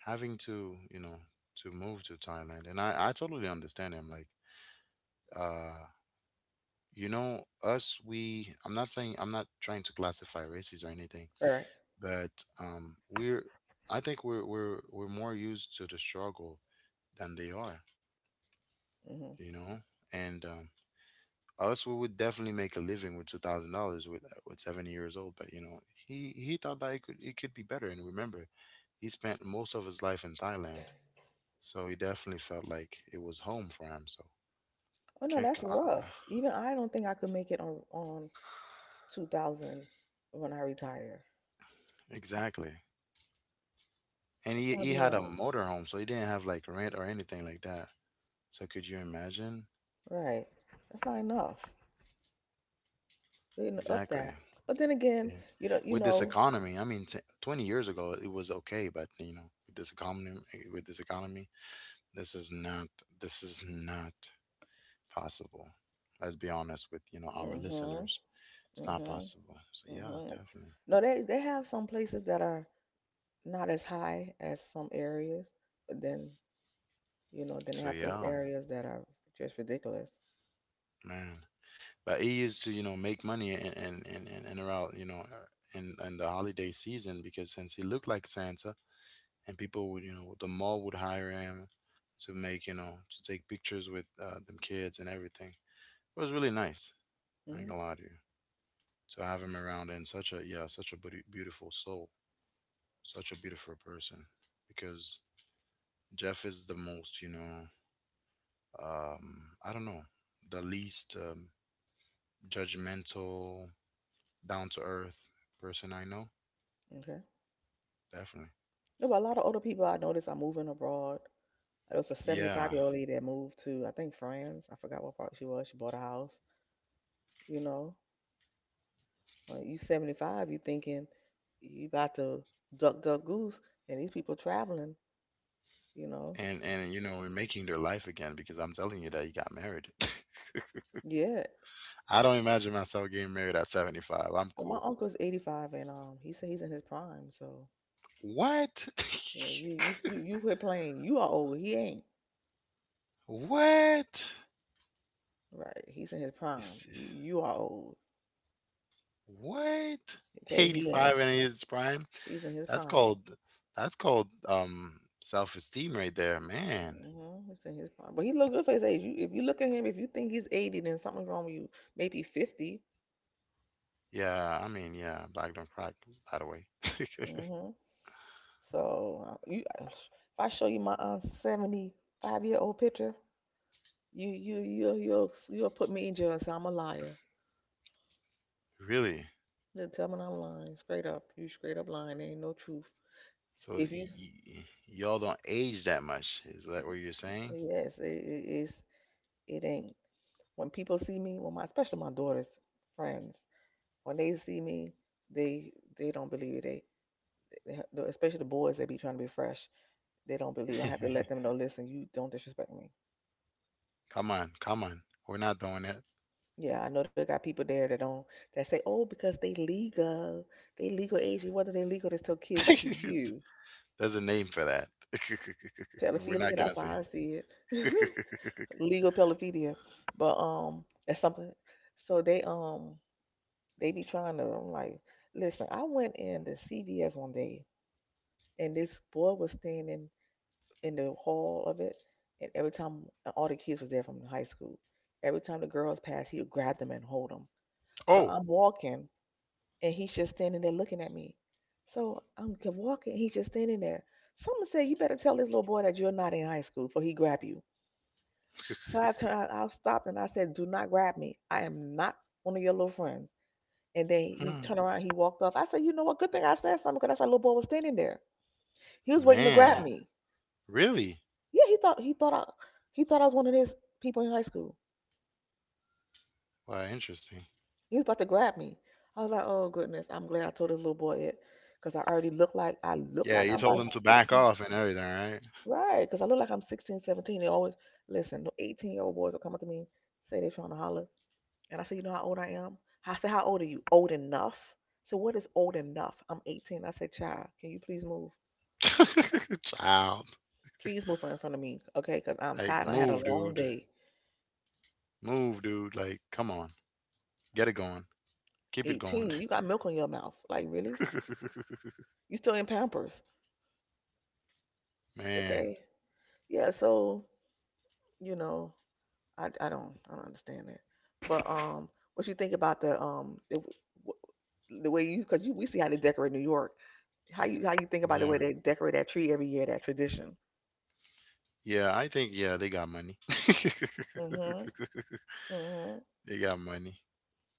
B: having to, you know, to move to Thailand. And I totally understand him. Like uh you know, us, we I'm not saying, I'm not trying to classify races or anything,
A: right.
B: but we're, I think we're more used to the struggle than they are,
A: Hmm.
B: you know. And us, we would definitely make a living with $2,000 with 70 years old. But you know, he thought that it could be better. And remember, he spent most of his life in Thailand, so he definitely felt like it was home for him. So
A: Oh no,
B: can't
A: that's
B: c-
A: rough. Even I don't think I could make it on 2000 when I retire.
B: exactly. And
A: That's
B: he
A: gonna
B: he
A: be
B: had a
A: rough.
B: motorhome, so he didn't have like rent or anything like that. So could you imagine?
A: Right. That's not enough. They didn't up
B: Exactly.
A: that. But then again,
B: Yeah.
A: you know, you
B: With this
A: know.
B: economy, I mean, 20 years ago it was okay, but you know, with this economy, eh, with this economy, this is not this is not possible. Let's be honest with, you know, our
A: Hmm.
B: listeners. It's not
A: Hmm.
B: possible. So yeah,
A: Hmm.
B: definitely.
A: No, they have some places that are not as high as some areas, but then then they
B: So
A: have those
B: yeah,
A: areas that are just ridiculous.
B: man. But it used to, you know, make money in and around, you know, in the holiday season, because since he looked like Santa, and people would, you know, the mall would hire him to make, you know, to take pictures with them kids and everything. It was really nice. I ain't
A: Hmm.
B: gonna lie to you. To have him around, and such a yeah, such a beautiful soul, such a beautiful person. Because Jeff is the most, you know, I don't know, the least judgmental, down to earth person I know.
A: Okay.
B: Definitely.
A: No, but a lot of older people I notice are moving abroad. There was a 75
B: Yeah,
A: year old lady that moved to, I think, France. I forgot what part she was. She bought a house. You know, when you 75, you thinking you about to duck, duck, goose, and these people traveling. You know,
B: and you know, we're making their life again, because I'm telling you that he got married.
A: yeah.
B: I don't imagine myself getting married at 75. I'm
A: But my
B: cool.
A: uncle's 85, and he said he's in his prime, so.
B: What?
A: Yeah, you quit playing. You are old. He ain't.
B: What?
A: Right. He's in his prime.
B: It's,
A: You are old.
B: what?
A: Okay. He ain't.
B: 85 and his prime?
A: He's in his
B: That's
A: prime.
B: called, that's called self-esteem right there, man.
A: Hmm. He's in his prime. But he look good for his age. You if you look at him, if you think he's 80, then something's wrong with you. Maybe 50.
B: Yeah, I mean, yeah, black don't crack, by the way.
A: Hmm. So if I show you my 75-year old picture, you'll put me in jail and say I'm a liar.
B: Really?
A: You'll tell me I'm lying. Straight up. You straight up lying. There ain't no truth.
B: So
A: If you
B: y'all don't age that much. Is that what you're saying?
A: Yes, it ain't. When people see me, when my especially my daughter's friends, when they see me, they they don't believe it. They, especially the boys, they be trying to be fresh. They don't believe. I have to let them know. Listen, you don't disrespect me.
B: Come on, come on. We're not doing that.
A: Yeah, I know they got people there that don't that say, oh, because they legal age. Whether they legal, they still kids to you.
B: There's a name for that. We're
A: Pedophilia,
B: not gonna
A: that's how
B: say.
A: I see it. Legal pedophilia, but that's something. So they be trying to, I'm like, listen. I went in the CVS one day, and this boy was standing in the hall of it, and every time all the kids was there from high school, every time the girls passed, he would grab them and hold them. So
B: Oh,
A: I'm walking, and he's just standing there looking at me. So I'm walking, he's just standing there. Someone said, "You better tell this little boy that you're not in high school, for he grab you." So I turned, I stopped, and I said, "Do not grab me. I am not one of your little friends." And then he
B: hmm,
A: turned around, he walked off. I said, "You know what? Good thing I said something, because that's why little boy was standing there. He was waiting to grab Yeah.
B: man.
A: me."
B: Really?
A: Yeah, he thought I was one of his people in high school.
B: Wow, interesting.
A: He was about to grab me. I was like, oh goodness, I'm glad I told this little boy it, because I already look like
B: Yeah, you
A: I'm
B: told
A: about
B: him to back
A: 16,
B: off and everything, right?
A: right? Because I look like I'm 16, 17. They always listen. The 18-year-old boys will come up to me, say they're trying to holler, and I say, you know how old I am? I say, how old are you? Old enough? So what is old enough? I'm 18. I say, child, can you please move?
B: Child.
A: Please move from in front of me, okay? Because I'm
B: Like,
A: tired. I had a
B: move,
A: long
B: dude.
A: day.
B: Move, dude. Like, come on. Get it going. Keep it going.
A: 18. You got milk on your mouth. Like really? You still in Pampers.
B: Man.
A: Okay. Yeah, so, you know, I don't I don't understand that. But what you think about the way you cuz you we see how they decorate New York. How you think about the way
B: Yeah.
A: they decorate that tree every year, that tradition?
B: Yeah, I think, yeah, they got money.
A: Mhm. Mhm.
B: They got money.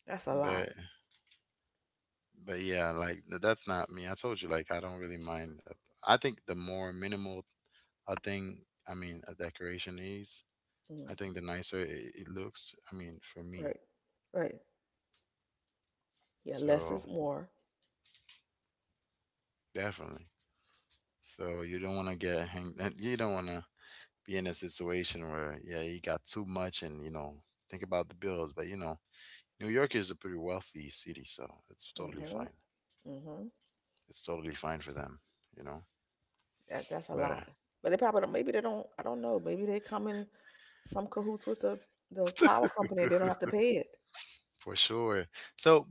A: That's a lot.
B: But, but yeah, like, that's not me. I told you, like, I don't really mind. I think the more minimal a thing, I mean, a decoration is, I
A: Mm,
B: think the nicer it looks. I mean, for me.
A: right. Right. Yeah, less
B: So,
A: is more.
B: definitely. So you don't want to get hang. You don't want to be in a situation where yeah, you got too much, and you know, think about the bills. But you know, New York is a pretty wealthy city, so it's totally
A: Mhm.
B: fine.
A: Mhm.
B: It's totally fine for them, you know.
A: That's a
B: But
A: lot. But they probably don't, maybe they don't, I don't know. Maybe they come in some cahoots with the power company and they don't have to pay it.
B: for sure. So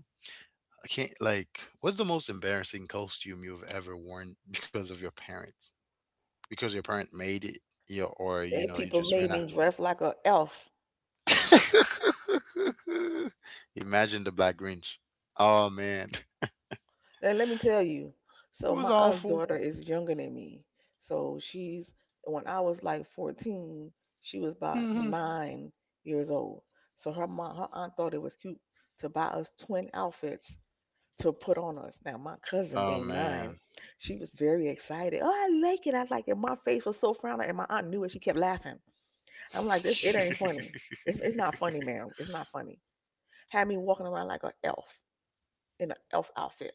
B: I can't like. What's the most embarrassing costume you've ever worn because of your parents? Because your parent made it, you or you
A: They
B: know, you
A: people
B: just ran
A: made
B: out.
A: me dress like a elf.
B: Imagine the Black Grinch. Oh man.
A: And let me tell you,
B: It
A: so
B: was
A: my aunt's
B: awful.
A: daughter is younger than me. So she's when I was like 14, she was about
B: Oh
A: 9 years old. So her mom, her aunt thought it was cute to buy us twin outfits to put on us. Now my cousin being 9,
B: man.
A: she was very excited. Oh, I like it. I like it. My face was so frowning, and my aunt knew it. She kept laughing. I'm like, this, it ain't funny. It's not funny, ma'am. It's not funny. Had me walking around like a elf, in an elf outfit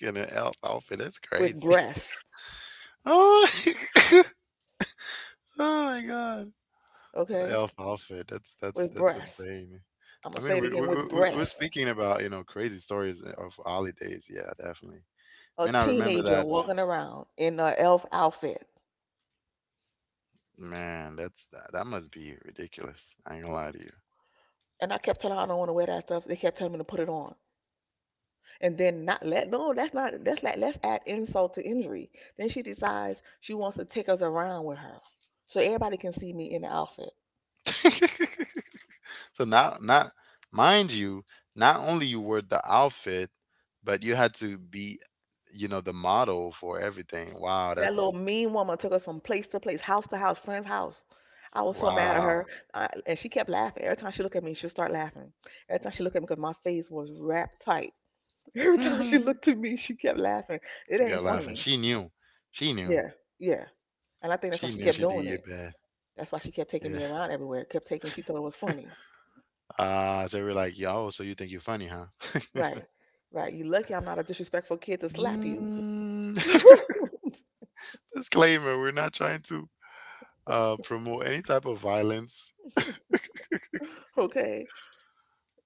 B: In an elf outfit, that's
A: with
B: crazy.
A: breasts.
B: Oh, oh my god. A
A: Okay,
B: elf outfit. That's that's
A: with
B: that's
A: breasts.
B: insane.
A: I'm
B: I
A: gonna say
B: mean,
A: it again with
B: we're
A: breasts.
B: speaking about you know crazy stories of holidays. Yeah, definitely.
A: A
B: Man, I remember
A: teenager
B: that.
A: walking around in an elf outfit,
B: Man, that's that must be ridiculous. I ain't gonna lie to
A: and I kept telling her I don't want to wear that stuff. They kept telling me to put it on, and then not let no. That's not. That's like let's add insult to injury. Then she decides she wants to take us around with her, so everybody can see me in the outfit.
B: you. So not mind you, not only you wore the outfit, but you had to be, you know, the model for everything. Wow,
A: That little
B: that's
A: mean woman took us from place to place, house to house, friend's house. I was so mad at
B: wow.
A: her. Wow. And she kept laughing. Every time she looked at me, she'd start laughing. Every time she looked at me, because my face was wrapped tight. Every
B: She
A: time she looked at me, she kept laughing. It ain't
B: got laughing.
A: funny.
B: She knew. She knew.
A: Yeah, yeah. And I think that's why
B: She
A: she
B: knew
A: kept
B: she did
A: doing
B: you
A: it.
B: bad.
A: That's why she kept taking
B: Yeah.
A: me around everywhere. Kept taking. She thought it was funny.
B: Ah, so we're like, yo, so you think you're funny, huh?
A: Right, right. You lucky I'm not a disrespectful kid to slap you.
B: Mm. Disclaimer, we're not trying to promote any type of violence.
A: Okay.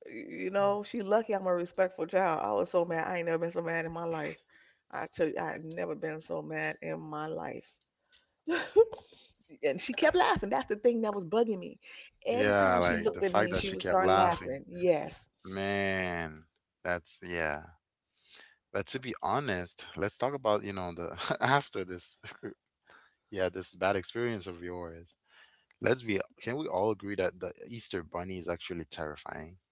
A: You know, she lucky I'm a respectful child. I was so mad. I ain't never been so mad in my life. I tell you, I had never been so mad in my life. And she kept laughing. That's the thing that was bugging me. Every
B: Yeah,
A: time she
B: like the
A: looked at
B: fact
A: me,
B: that
A: she
B: she
A: would
B: kept
A: start
B: laughing.
A: laughing. Yes,
B: Man, that's yeah. But to be honest, let's talk about, you know, the after this yeah, this bad experience of yours. Let's be, can we all agree that the Easter bunny is actually terrifying?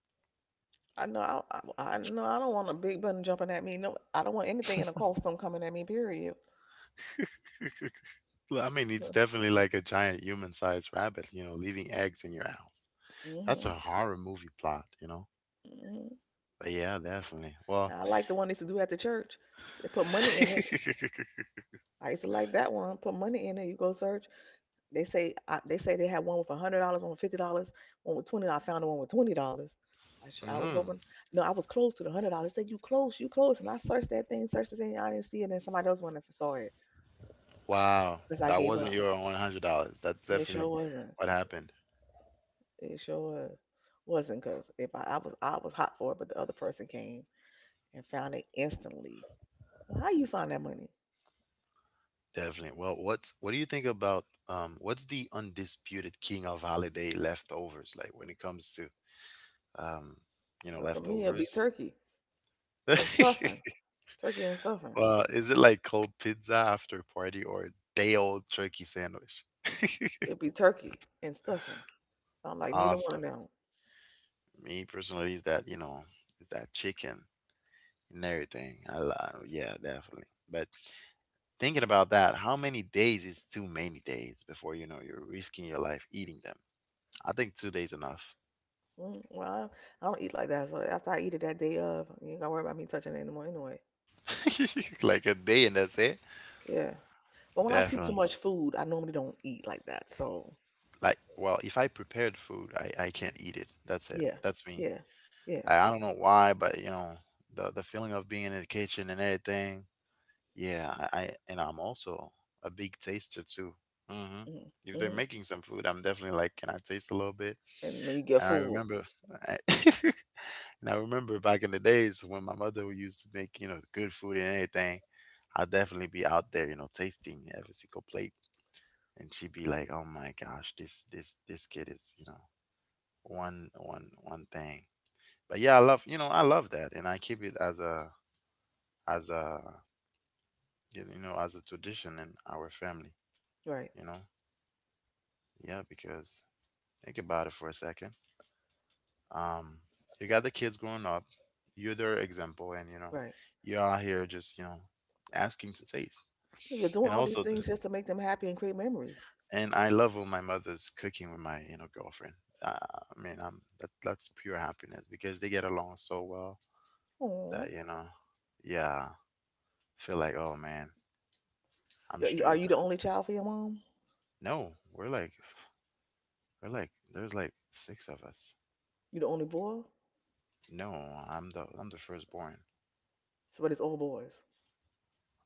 A: I know. I know. I don't want a big button jumping at me. No, I don't want anything in a costume coming at me. Period.
B: I mean, it's definitely like a giant human-sized rabbit, you know, leaving eggs in your house. That's
A: Hmm.
B: a horror movie plot, you know.
A: Hmm.
B: But yeah, definitely. Well,
A: Now I like the one they used to do at the church. They put money in it. I used to like that one. Put money in it. You go search. They say they had one with $100, one with $50, one with 20. I found the one with $20. I was
B: mhm.
A: hoping no, I was close to the $100. Said you close, and I searched that thing, searched the thing, I didn't see it, and somebody else went and saw it
B: Wow,
A: because I
B: that
A: gave
B: wasn't
A: up.
B: your $100. That's
A: It sure
B: definitely
A: wasn't.
B: what happened.
A: It sure was. Wasn't because if I, I was hot for it, but the other person came and found it instantly. Well, how you find that money?
B: Definitely. Well, what's, what do you think about what's the undisputed king of holiday leftovers, like when it comes to um you know
A: Well, for me, it'd be
B: leftovers?
A: turkey and stuffing, turkey and stuffing.
B: Well, is it like cold pizza after party or day old turkey sandwich?
A: It'd be turkey and stuffing. I'm like neither one of
B: Awesome.
A: them.
B: Me personally is that, you know, is that chicken and everything. I love, yeah, definitely. But thinking about that, how many days is too many days before you know you're risking your life eating them? I think 2 days enough.
A: Mm, well, I don't eat like that. So after I eat it that day of, you ain't gotta worry about me touching it anymore anyway.
B: Like a day and that's it.
A: Yeah. But when I see too
B: Definitely.
A: much food, I normally don't eat like that. So
B: Like, well, if I prepared food, I can't eat it. That's it.
A: yeah,
B: That's me.
A: yeah, yeah.
B: I don't know why, but you know, the feeling of being in the kitchen and everything. Yeah, I and I'm also a big taster too. Hmm.
A: Mm-hmm,
B: If they're
A: mm-hmm.
B: making some food, I'm definitely like, can I taste a little bit?
A: And then you get
B: And I
A: full.
B: remember, I, and I remember back in the days when my mother would used to make, you know, good food and anything, I'd definitely be out there, you know, tasting every single plate. And she'd be like, "Oh my gosh, this kid is you know one thing." But yeah, I love you know I love that, and I keep it as a you know as a tradition in our family.
A: Right,
B: You know, yeah, because think about it for a second. Um, you got the kids growing up, you're their example, and you know
A: right.
B: you are here just you know asking to taste,
A: Yeah, you're doing
B: and
A: all these
B: also the
A: things just to make them happy and create memories.
B: and I love when my mother's cooking with my you know girlfriend. I mean, I'm that that's pure happiness because they get along so well that
A: Oh.
B: you know, yeah, feel like oh man, I'm
A: Are
B: straight.
A: you the only child for your mom?
B: No, we're like there's like six of us.
A: You the only boy?
B: No, I'm the firstborn.
A: So, but it's all boys.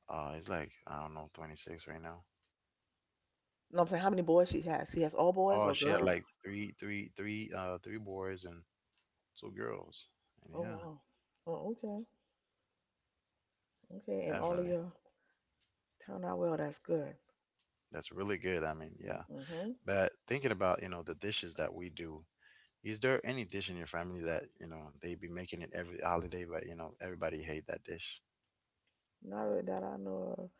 B: He's like I don't know, 26 right now.
A: No, I'm saying how many boys she has? She has all boys
B: Oh,
A: or
B: she had
A: girl?
B: like three boys and two girls. And
A: Oh,
B: yeah,
A: wow. Oh, okay, okay. And all of
B: definitely.
A: you turned out well. That's good.
B: That's really good. I mean, yeah.
A: Mm-hmm.
B: But thinking about, you know, the dishes that we do, is there any dish in your family that, you know, they be making it every holiday, but, you know, everybody hate that dish?
A: Not really that I know of.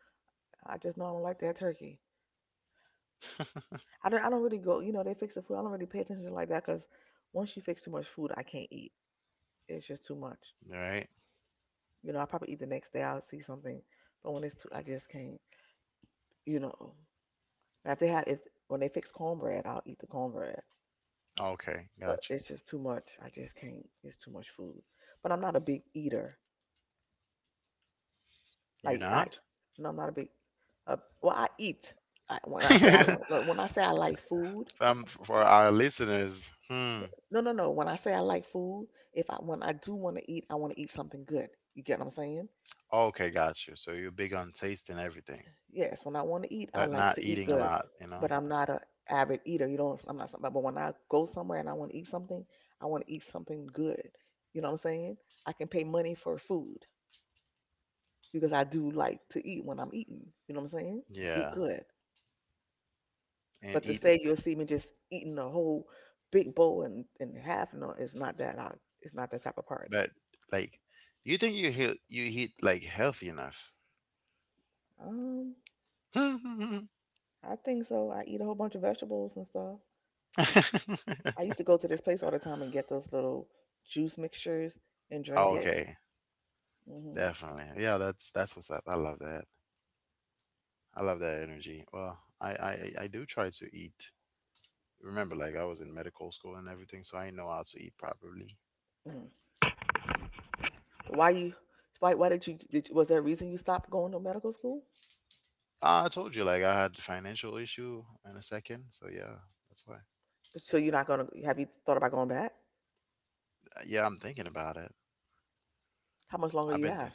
A: I just know I don't like that turkey. I don't. I don't really go. You know, they fix the food. I don't really pay attention to it like that because once you fix too much food, I can't eat. It's just too much.
B: Right?
A: You know, I probably eat the next day. I'll see something, but when it's too, I just can't. You know, now if they have, if when they fix cornbread, I'll eat the cornbread.
B: Okay,
A: But
B: got
A: it's just too much. I just can't. It's too much food. But I'm not a big eater.
B: you. You
A: Like I,
B: not?
A: no, I'm not a big. Well, I eat. I, when I say I lo- like, when I say I like food.
B: From for our listeners, hmm.
A: No, no, no. When I say I like food, if I when I do want to eat, I want to eat something good. You get what I'm saying?
B: Okay, got you. So you're big on tasting everything,
A: Yes, when I want to eat, I
B: but
A: like
B: not
A: to eat
B: eating a
A: good.
B: lot, you
A: But
B: know?
A: I'm not a avid eater. You don't. I'm not somebody. But when I go somewhere and I want to eat something, I want to eat something good. You know what I'm saying? I can pay money for food because I do like to eat when I'm eating. You know what I'm saying? Eat
B: Yeah.
A: good. But
B: And
A: to
B: eat
A: say you'll see me just eating a whole big bowl and half, no, it's not that. I it's not that type of party.
B: but like, do you think you eat like healthy enough?
A: Um. I think so. I eat a whole bunch of vegetables and stuff. I used to go to this place all the time and get those little juice mixtures and drink it.
B: Okay,
A: Hmm.
B: definitely. Yeah, that's what's up. I love that. I love that energy. Well, I do try to eat. Remember, like I was in medical school and everything, so I know how to eat properly.
A: Hmm. Why you? Why? Why did you? Was there a reason you stopped going to medical school?
B: I told you, like I had the financial issue in a second, so yeah, that's why.
A: So you're not gonna? Have you thought about going back?
B: Yeah, I'm thinking about it.
A: How much longer
B: I've
A: you
B: been, th-
A: have?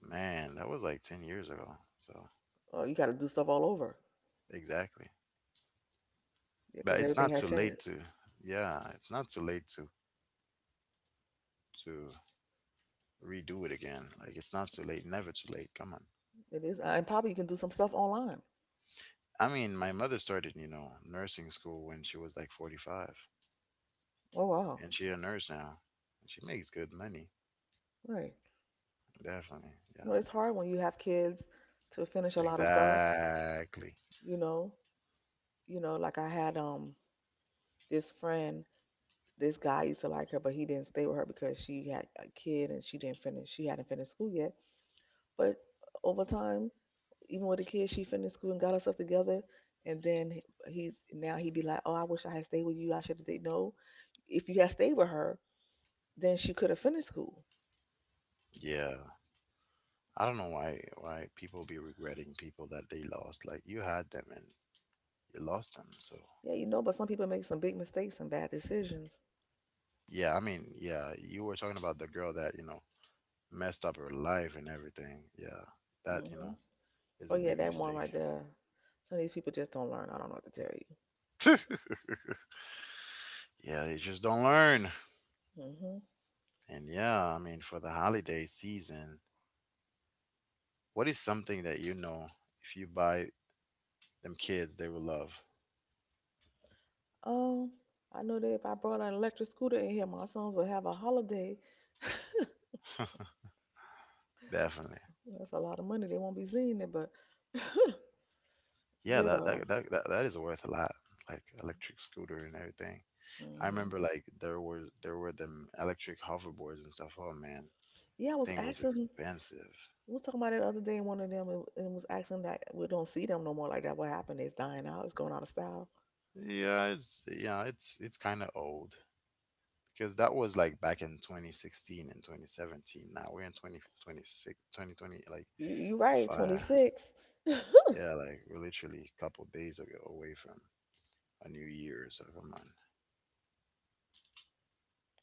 B: Man, that was like 10 years ago. So
A: You got to do stuff all over
B: exactly, but
A: because
B: it's
A: everything
B: not
A: has
B: too
A: changed.
B: late to. Yeah, it's not too late to redo it again. Like it's not too late. Never too late. Come on.
A: It is, and probably you can do some stuff online.
B: I mean, my mother started, you know, nursing school when she was like 45.
A: Oh wow,
B: And she a nurse now. And she makes good money.
A: right?
B: Definitely.
A: No,
B: Yeah.
A: it's hard when you have kids to finish a lot of stuff.
B: Exactly.
A: You know, like I had this friend, this guy used to like her, but he didn't stay with her because she had a kid and she didn't finish. She hadn't finished school yet. But over time, even with the kid, she finished school and got herself together. And then he's now he'd be like, "Oh, I wish I had stayed with you. I should have did no. If you had stayed with her, then she could have finished school.
B: Yeah. I don't know why people be regretting people that they lost. Like you had them and you lost them. So
A: Yeah, you know. But some people make some big mistakes and bad decisions.
B: yeah, I mean, yeah, you were talking about the girl that, you know, messed up her life and everything. Yeah. That,
A: Hmm.
B: is
A: Oh
B: a
A: yeah,
B: big
A: that one
B: mistake.
A: right there. Some of these people just don't learn. I don't know what to tell
B: yeah, they just don't learn.
A: you. Hmm.
B: And yeah, I mean, for the holiday season, what is something that you know if you buy them kids they will love?
A: Um, I know that if I brought an electric scooter in here, my sons would have a holiday.
B: Definitely.
A: That's a lot of money. They won't be seeing it, but
B: Yeah,
A: you
B: that
A: know.
B: that that that, that is worth a lot. Like electric scooter and everything. I
A: Hmm.
B: remember like there were them electric hoverboards and stuff. Oh man,
A: Yeah, I was
B: thing was
A: asking.
B: expensive.
A: We was talking about it the other day, and one of them and was asking that we don't see them no more like that. What happened? It's dying out. It's going out of style.
B: Yeah, it's kind of old because that was like back in 2016 and 2017. Now we're in 2026 2020. Like
A: You right. Twenty
B: fire.
A: six.
B: Yeah, like we're literally a couple days ago away from a new year. So come on.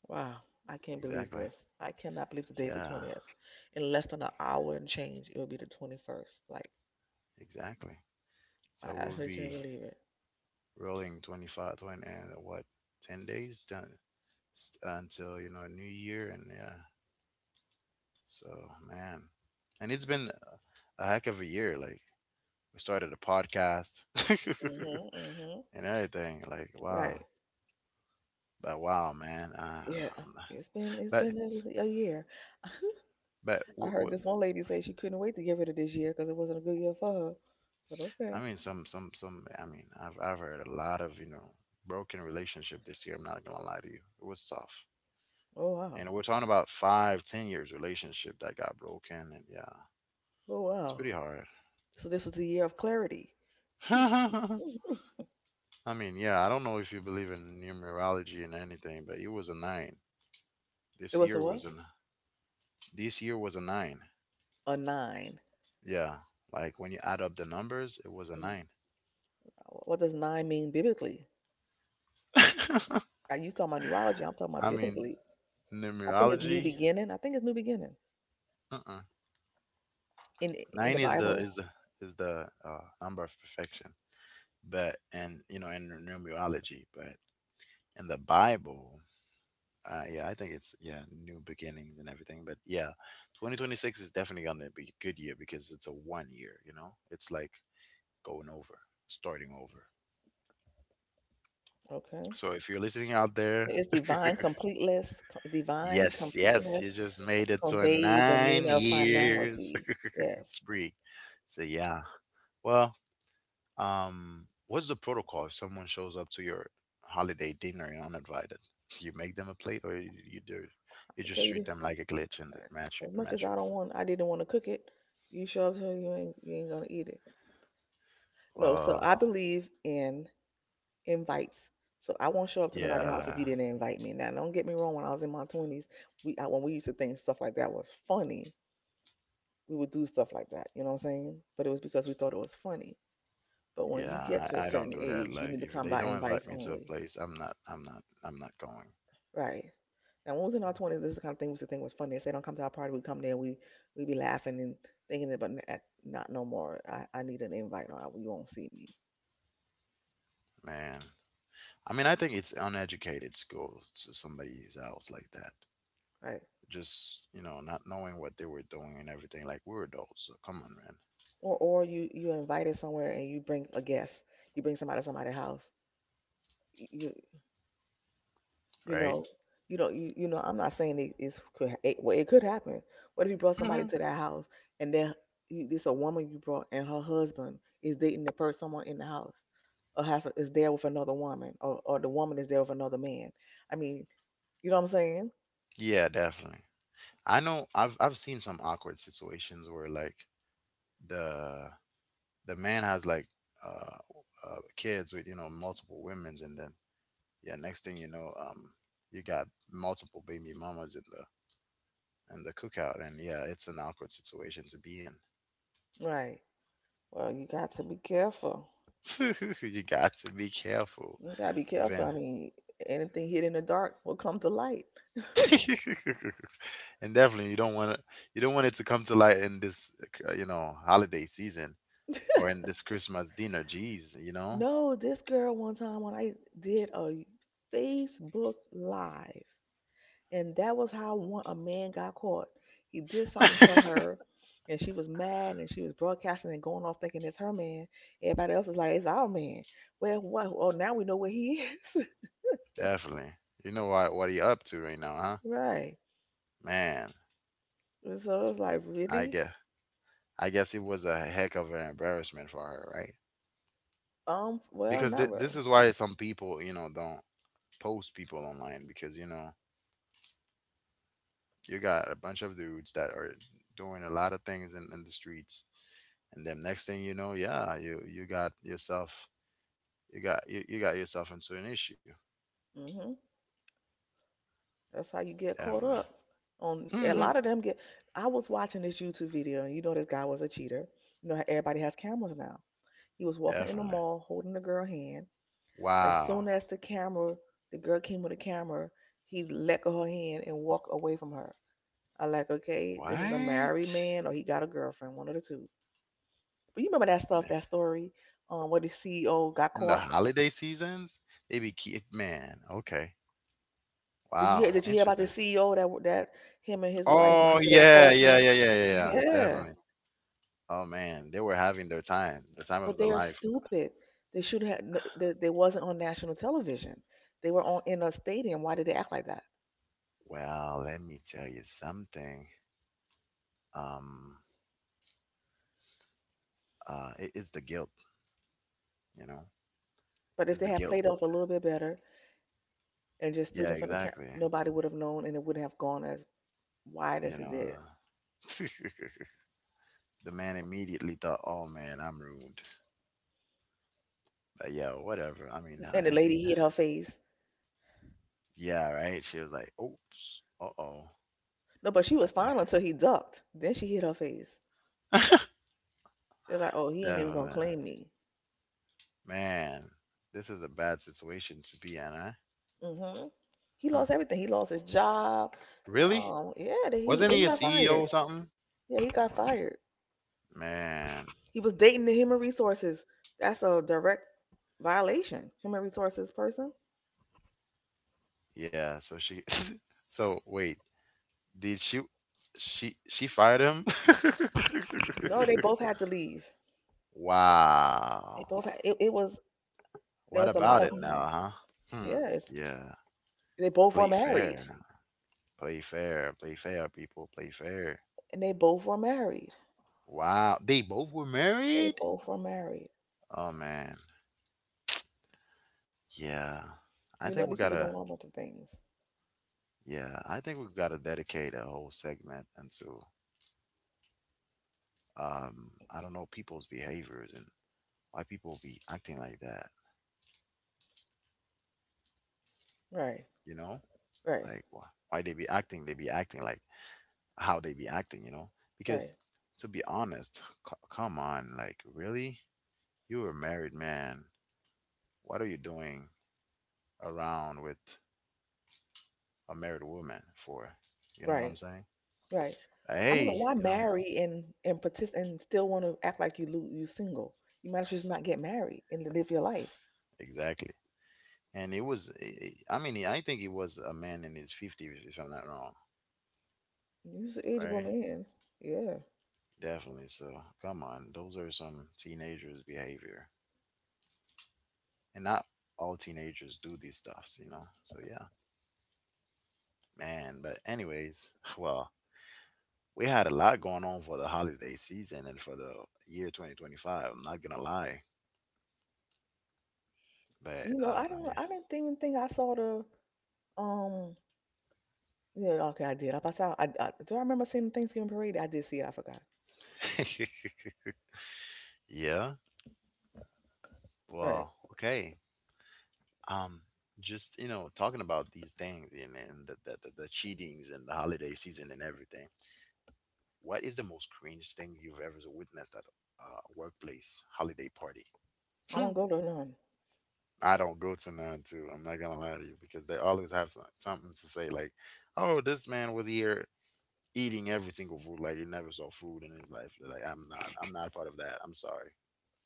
A: Wow. I can't believe
B: Exactly.
A: this. I cannot believe today's the
B: Yeah,
A: 20th. In less than an hour and change, it'll be the 21st. Like
B: exactly.
A: I
B: So we would
A: actually can't
B: be
A: believe it.
B: rolling 25, 20 and what, 10 days done until you know new year. And yeah, so man, and it's been a heck of a year. Like we started a podcast
A: Mhm. Mhm.
B: and everything. Like wow,
A: Right.
B: but wow man.
A: Yeah. It's been it's
B: But
A: been a year.
B: but
A: I
B: w-
A: heard
B: w-
A: this one lady say she couldn't wait to get rid of this year because it wasn't a good year for her. But
B: I
A: okay.
B: mean, some I mean, I've heard a lot of, you know, broken relationship this year. I'm not gonna lie to you, it was tough.
A: Oh wow.
B: And we're talking about 5, 10 years relationship that got broken. And yeah,
A: Oh
B: it's
A: wow.
B: pretty hard.
A: So this was the year of clarity.
B: I mean, yeah, I don't know if you believe in numerology and anything, but it was a nine.
A: It
B: This
A: was a
B: year was
A: what?
B: a this year was a nine.
A: A nine.
B: Yeah, like when you add up the numbers, it was a
A: Mm.
B: nine.
A: What does nine mean biblically?
B: I
A: You talking about neurology? I'm talking about
B: mean,
A: biblically. I think it's new
B: numerology.
A: beginning. I think it's new beginning
B: Uh-uh.
A: in in
B: Nine
A: the
B: is the
A: Bible.
B: is the is the uh, number of perfection, but and you know in numerology, but in the Bible, yeah, I think it's yeah, new beginnings and everything. But yeah, 2026 is definitely gonna be a good year because it's a 1 year. You know, it's like going over, starting over.
A: Okay,
B: So if you're listening out there,
A: it's divine completeness. Divine
B: yes, yes,
A: completeness.
B: you just made it to a
A: Convey the
B: nine
A: meaning of
B: years.
A: finality. Yes,
B: spree. So yeah, well, what's the protocol if someone shows up to your holiday dinner and uninvited? You make them a plate, or you do
A: I
B: you
A: can
B: just
A: tell you
B: treat
A: this.
B: them like a glitch in the
A: As much as I don't
B: matrix?
A: want, I didn't want to cook it. You show up to you ain't gonna eat it. No, so
B: Well,
A: I believe in invites. So I won't show up to nobody's house if you
B: yeah,
A: didn't invite me. Now, don't get me wrong. When I was in my twenties, when we used to think stuff like that was funny, we would do stuff like that. You know what I'm saying? But it was because we thought it was funny. But when you get
B: yeah,
A: to a
B: I don't
A: certain
B: do that.
A: age, you
B: Like
A: need to
B: if
A: come
B: they
A: by
B: don't
A: invites
B: invite me to a
A: only.
B: place, I'm not going.
A: Right. Now, when we was in our twenties, this kind of thing was the thing was funny. If they say don't come to our party. We come there, we be laughing and thinking it, but not no more. I need an invite, or you won't see me,
B: Man. I mean, I think it's uneducated to go to somebody's house like that.
A: right?
B: Just, you know, not knowing what they were doing and everything. Like we're adults, so come on, man.
A: Or you invited somewhere and you bring a guest. You bring somebody to somebody's house. You you
B: Right?
A: know you don't you, you know I'm not saying it is could it, well, it could happen. What if you brought somebody
B: hmm
A: to that house and then you, this a woman you brought and her husband is dating the first someone in the house? Or has is there with another woman or the woman is there with another man. I mean, you know what I'm saying?
B: Yeah, definitely. I know I've seen some awkward situations where like the the man has like uh, kids with, you know, multiple women's. And then yeah, next thing you know, you got multiple baby mamas in the cookout, and yeah, it's an awkward situation to be in.
A: Right. Well, you got to be careful.
B: you got to be careful
A: You got to be careful.
B: within.
A: I mean, anything hidden in the dark will come to light.
B: and definitely you don't want to, you don't want it to come to light in this you know holiday season or in this Christmas dinner. Jeez, you know,
A: No, this girl one time when I did a Facebook live, and that was how one a man got caught. He did something to her, and she was mad, and she was broadcasting and going off thinking it's her man. Everybody else is like, it's our man. Well, what? Oh, now we know where he is.
B: definitely. You know what are you up to right now, huh?
A: Right.
B: Man,
A: And so it's like,
B: I
A: really?
B: guess I guess it was a heck of an embarrassment for her, right?
A: Well,
B: Because
A: not
B: this
A: really.
B: is why some people, you know, don't post people online because you know you got a bunch of dudes that are doing a lot of things in the streets. And then next thing you know, yeah, you got yourself, you, you got yourself into an issue.
A: Hmm. That's how you get caught
B: Definitely.
A: up. On a
B: Mhm.
A: lot of them get. I was watching this YouTube video, and you know this guy was a cheater. You know how everybody has cameras now. He was walking in the
B: Definitely.
A: mall holding the girl hand. As
B: Wow.
A: soon as the camera, the girl came with the camera, he let go her hand and walked away from her. I like, okay, this is a
B: What
A: married man, or he got a girlfriend, one of the two. But you remember that stuff, that story, where the CEO got
B: in the
A: caught.
B: holiday seasons they be kid man. Okay,
A: Did you hear?
B: wow,
A: Did you hear about the
B: interesting.
A: CEO that him and his wife
B: Oh
A: went to that
B: yeah,
A: cold
B: yeah,
A: play?
B: yeah, yeah, yeah, yeah,
A: Yeah,
B: definitely. Oh man, they were having their time, the time of
A: but
B: their
A: they're
B: life.
A: stupid. They should have. No- They wasn't on national television. They were on in a stadium. Why did they act like that?
B: Well, let me tell you something. Um, it is the guilt, you know,
A: But if
B: it's
A: they
B: the
A: had
B: guilt.
A: played off a little bit better and just stood
B: Yeah,
A: in front of the camera,
B: exactly.
A: nobody would have known, and it wouldn't have gone as wide as
B: You
A: it
B: know,
A: did.
B: the man immediately thought, "Oh man, I'm ruined." But yeah, whatever. I mean,
A: And the
B: and the
A: lady hit her face.
B: yeah, right? She was like, "Oops, uh oh."
A: No, but she
B: I
A: was
B: think
A: fine until he ducked. Then she hit her face. She was like, "Oh, he ain't even gonna
B: definitely,
A: claim me."
B: man, this is a bad situation to be in, huh?
A: Hmm. He
B: Huh?
A: lost everything. He lost his job.
B: Really?
A: Yeah, he
B: Wasn't
A: they
B: he a
A: got
B: CEO
A: fired.
B: or something?
A: Yeah, he got fired.
B: Man,
A: He was dating the human resources. That's a direct violation. Human resources person.
B: yeah. So she, so wait, did she fired him?
A: No, they both had to leave. They
B: Wow.
A: both had, it was There
B: What
A: was a lot
B: about
A: of
B: it
A: hmm,
B: now, huh? Hmm.
A: yes.
B: Yeah.
A: They both were
B: Play
A: married,
B: fair. Play fair. Play fair, people. Play fair.
A: and they both were married.
B: Wow. They both were
A: They
B: married?
A: both were married.
B: Oh man. Yeah. I
A: You
B: think we
A: know, these people
B: gotta
A: don't know about of things.
B: Yeah, I think we gotta dedicate a whole segment into I don't know, people's behaviors and why people be acting like that,
A: Right,
B: you know?
A: right,
B: Like why they be acting like how they be acting, you know? Because
A: right,
B: to be honest, come on, like really? You were a married man. What are you doing around with a married woman for? You know what I'm
A: right.
B: saying?
A: Right.
B: Like,
A: I don't know
B: Hey,
A: why
B: you know,
A: marry and partic- and still want to act like you lo- you single. You might as well just not get married and live your life.
B: exactly. And it was, I mean, I think he was a man in his 50s, if I'm not wrong,
A: You're an ageable
B: right?
A: man. Yeah.
B: Definitely. So come on, those are some teenagers' behavior. And not all teenagers do these stuffs, you know? So yeah, man. But anyways, well, we had a lot going on for the holiday season and for the year 2025. I'm not gonna lie, but
A: You know, I don't. I didn't even think I saw the. Um. Yeah. Okay, I did. I saw. I do. I remember seeing the Thanksgiving parade. I did see it. I forgot.
B: yeah, yeah.
A: Right.
B: Well, okay. Um, just you know, talking about these things and, the cheatings and the holiday season and everything. What is the most cringe thing you've ever witnessed at a workplace holiday party?
A: I don't
B: Hmm.
A: go to none
B: I don't go to none too. I'm not gonna lie to you because they always have something to say like, "Oh, this man was here eating every single food like he never saw food in his life." Like I'm not part of that. I'm sorry.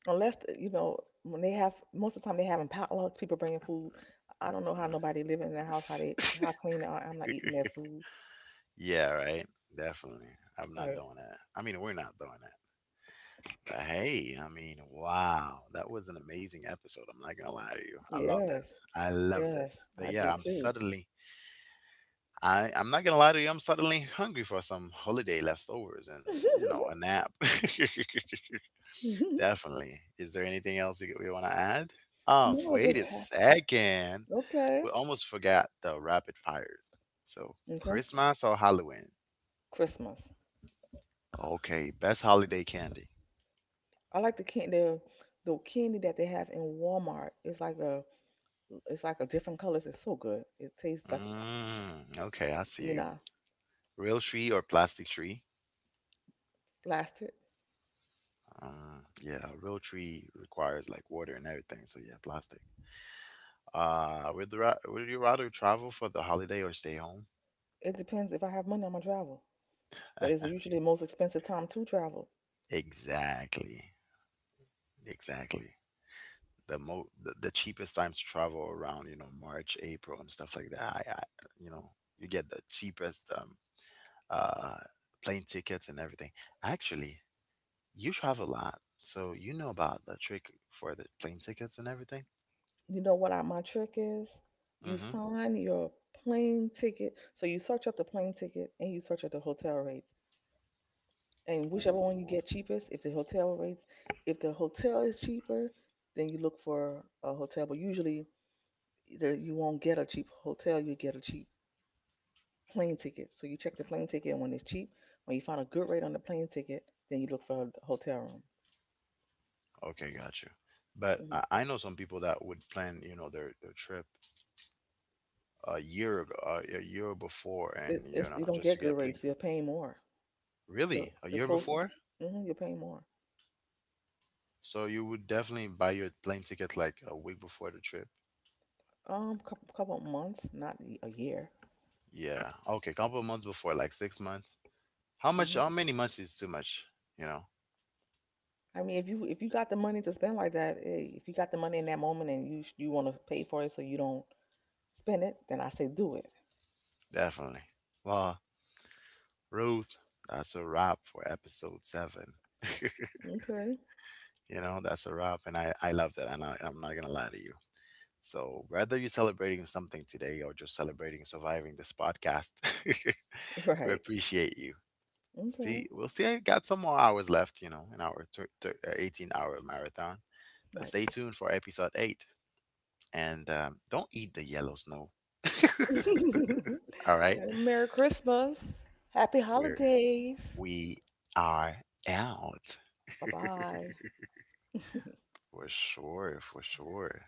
A: unless you know when they have. Most of the time they having potlucks. People bringing food. I don't know how nobody living in the house. How they how clean they are. I'm not eating their food.
B: Yeah, right. Definitely. I'm not
A: Right.
B: doing that. I mean, we're not doing that. But hey, I mean, wow, that was an amazing episode. I'm not gonna lie to you. I loved it.
A: Yes.
B: I loved it.
A: Yes,
B: But
A: I
B: yeah,
A: did too.
B: I'm not gonna lie to you, I'm suddenly hungry for some holiday leftovers and you know a nap. Definitely. Is there anything else you want to add?
A: No, it
B: Wait
A: just
B: a
A: happened.
B: second.
A: Okay.
B: We almost forgot the rapid fires. So
A: Okay.
B: Christmas or Halloween?
A: Christmas.
B: Okay, best holiday candy.
A: I like the candy that they have in Walmart. It's like a different colors. It's so good. It tastes like
B: Mm, okay, I see
A: you
B: you.
A: know,
B: Real tree or plastic tree?
A: blasted.
B: Yeah, a real tree requires like water and everything. So yeah, plastic. Would you rather travel for the holiday or stay home?
A: It depends if I have money, I'm gonna travel. But it's usually the most expensive time to travel.
B: Exactly. Exactly. The cheapest times to travel around, you know, march, april and stuff like that. I, you know, you get the cheapest uh plane tickets and everything. Actually, you travel a lot, so you know about the trick for the plane tickets and everything.
A: You know what I, my trick is? You
B: Mm-hmm.
A: find your plane ticket. So you search up the plane ticket and you search up the hotel rates. And whichever one you
B: Ooh,
A: get cheapest, if the hotel rates, if the hotel is cheaper, then you look for a hotel. But usually, the, you won't get a cheap hotel. You get a cheap plane ticket. So you check the plane ticket, and when it's cheap, when you find a good rate on the plane ticket, then you look for a hotel room.
B: okay, got you. But
A: Hmm.
B: I know some people that would plan, you know, their trip a year ago, a year before, and
A: It,
B: you
A: it's
B: know
A: you don't
B: just to
A: get
B: get
A: good
B: plane.
A: rates. You're paying more. They're
B: Really, a
A: they're
B: year
A: closer,
B: before?
A: hmm, you're paying more.
B: So you would definitely buy your plane ticket like a week before the trip.
A: Couple months, not a year.
B: Yeah. Okay, couple of months before, like 6 months. How much?
A: Mm-hmm.
B: How many months is too much? You know,
A: I mean, if you got the money to spend like that, eh, if you got the money in that moment and you sh- you want to pay for it so you don't spend it, then I say do it.
B: definitely. Well, Ruth, that's a wrap for episode seven.
A: Okay.
B: you know, that's a wrap, and I love that. I'm not gonna lie to you. So whether you're celebrating something today or just celebrating surviving this podcast, we
A: Right.
B: appreciate you.
A: Okay.
B: We'll see. I got some more hours left. You know, in our 18-hour marathon. But
A: Right.
B: stay tuned for episode eight. And don't eat the yellow snow. All right.
A: Merry Christmas. Happy
B: We're,
A: holidays.
B: we are out.
A: Bye bye.
B: For sure. For sure.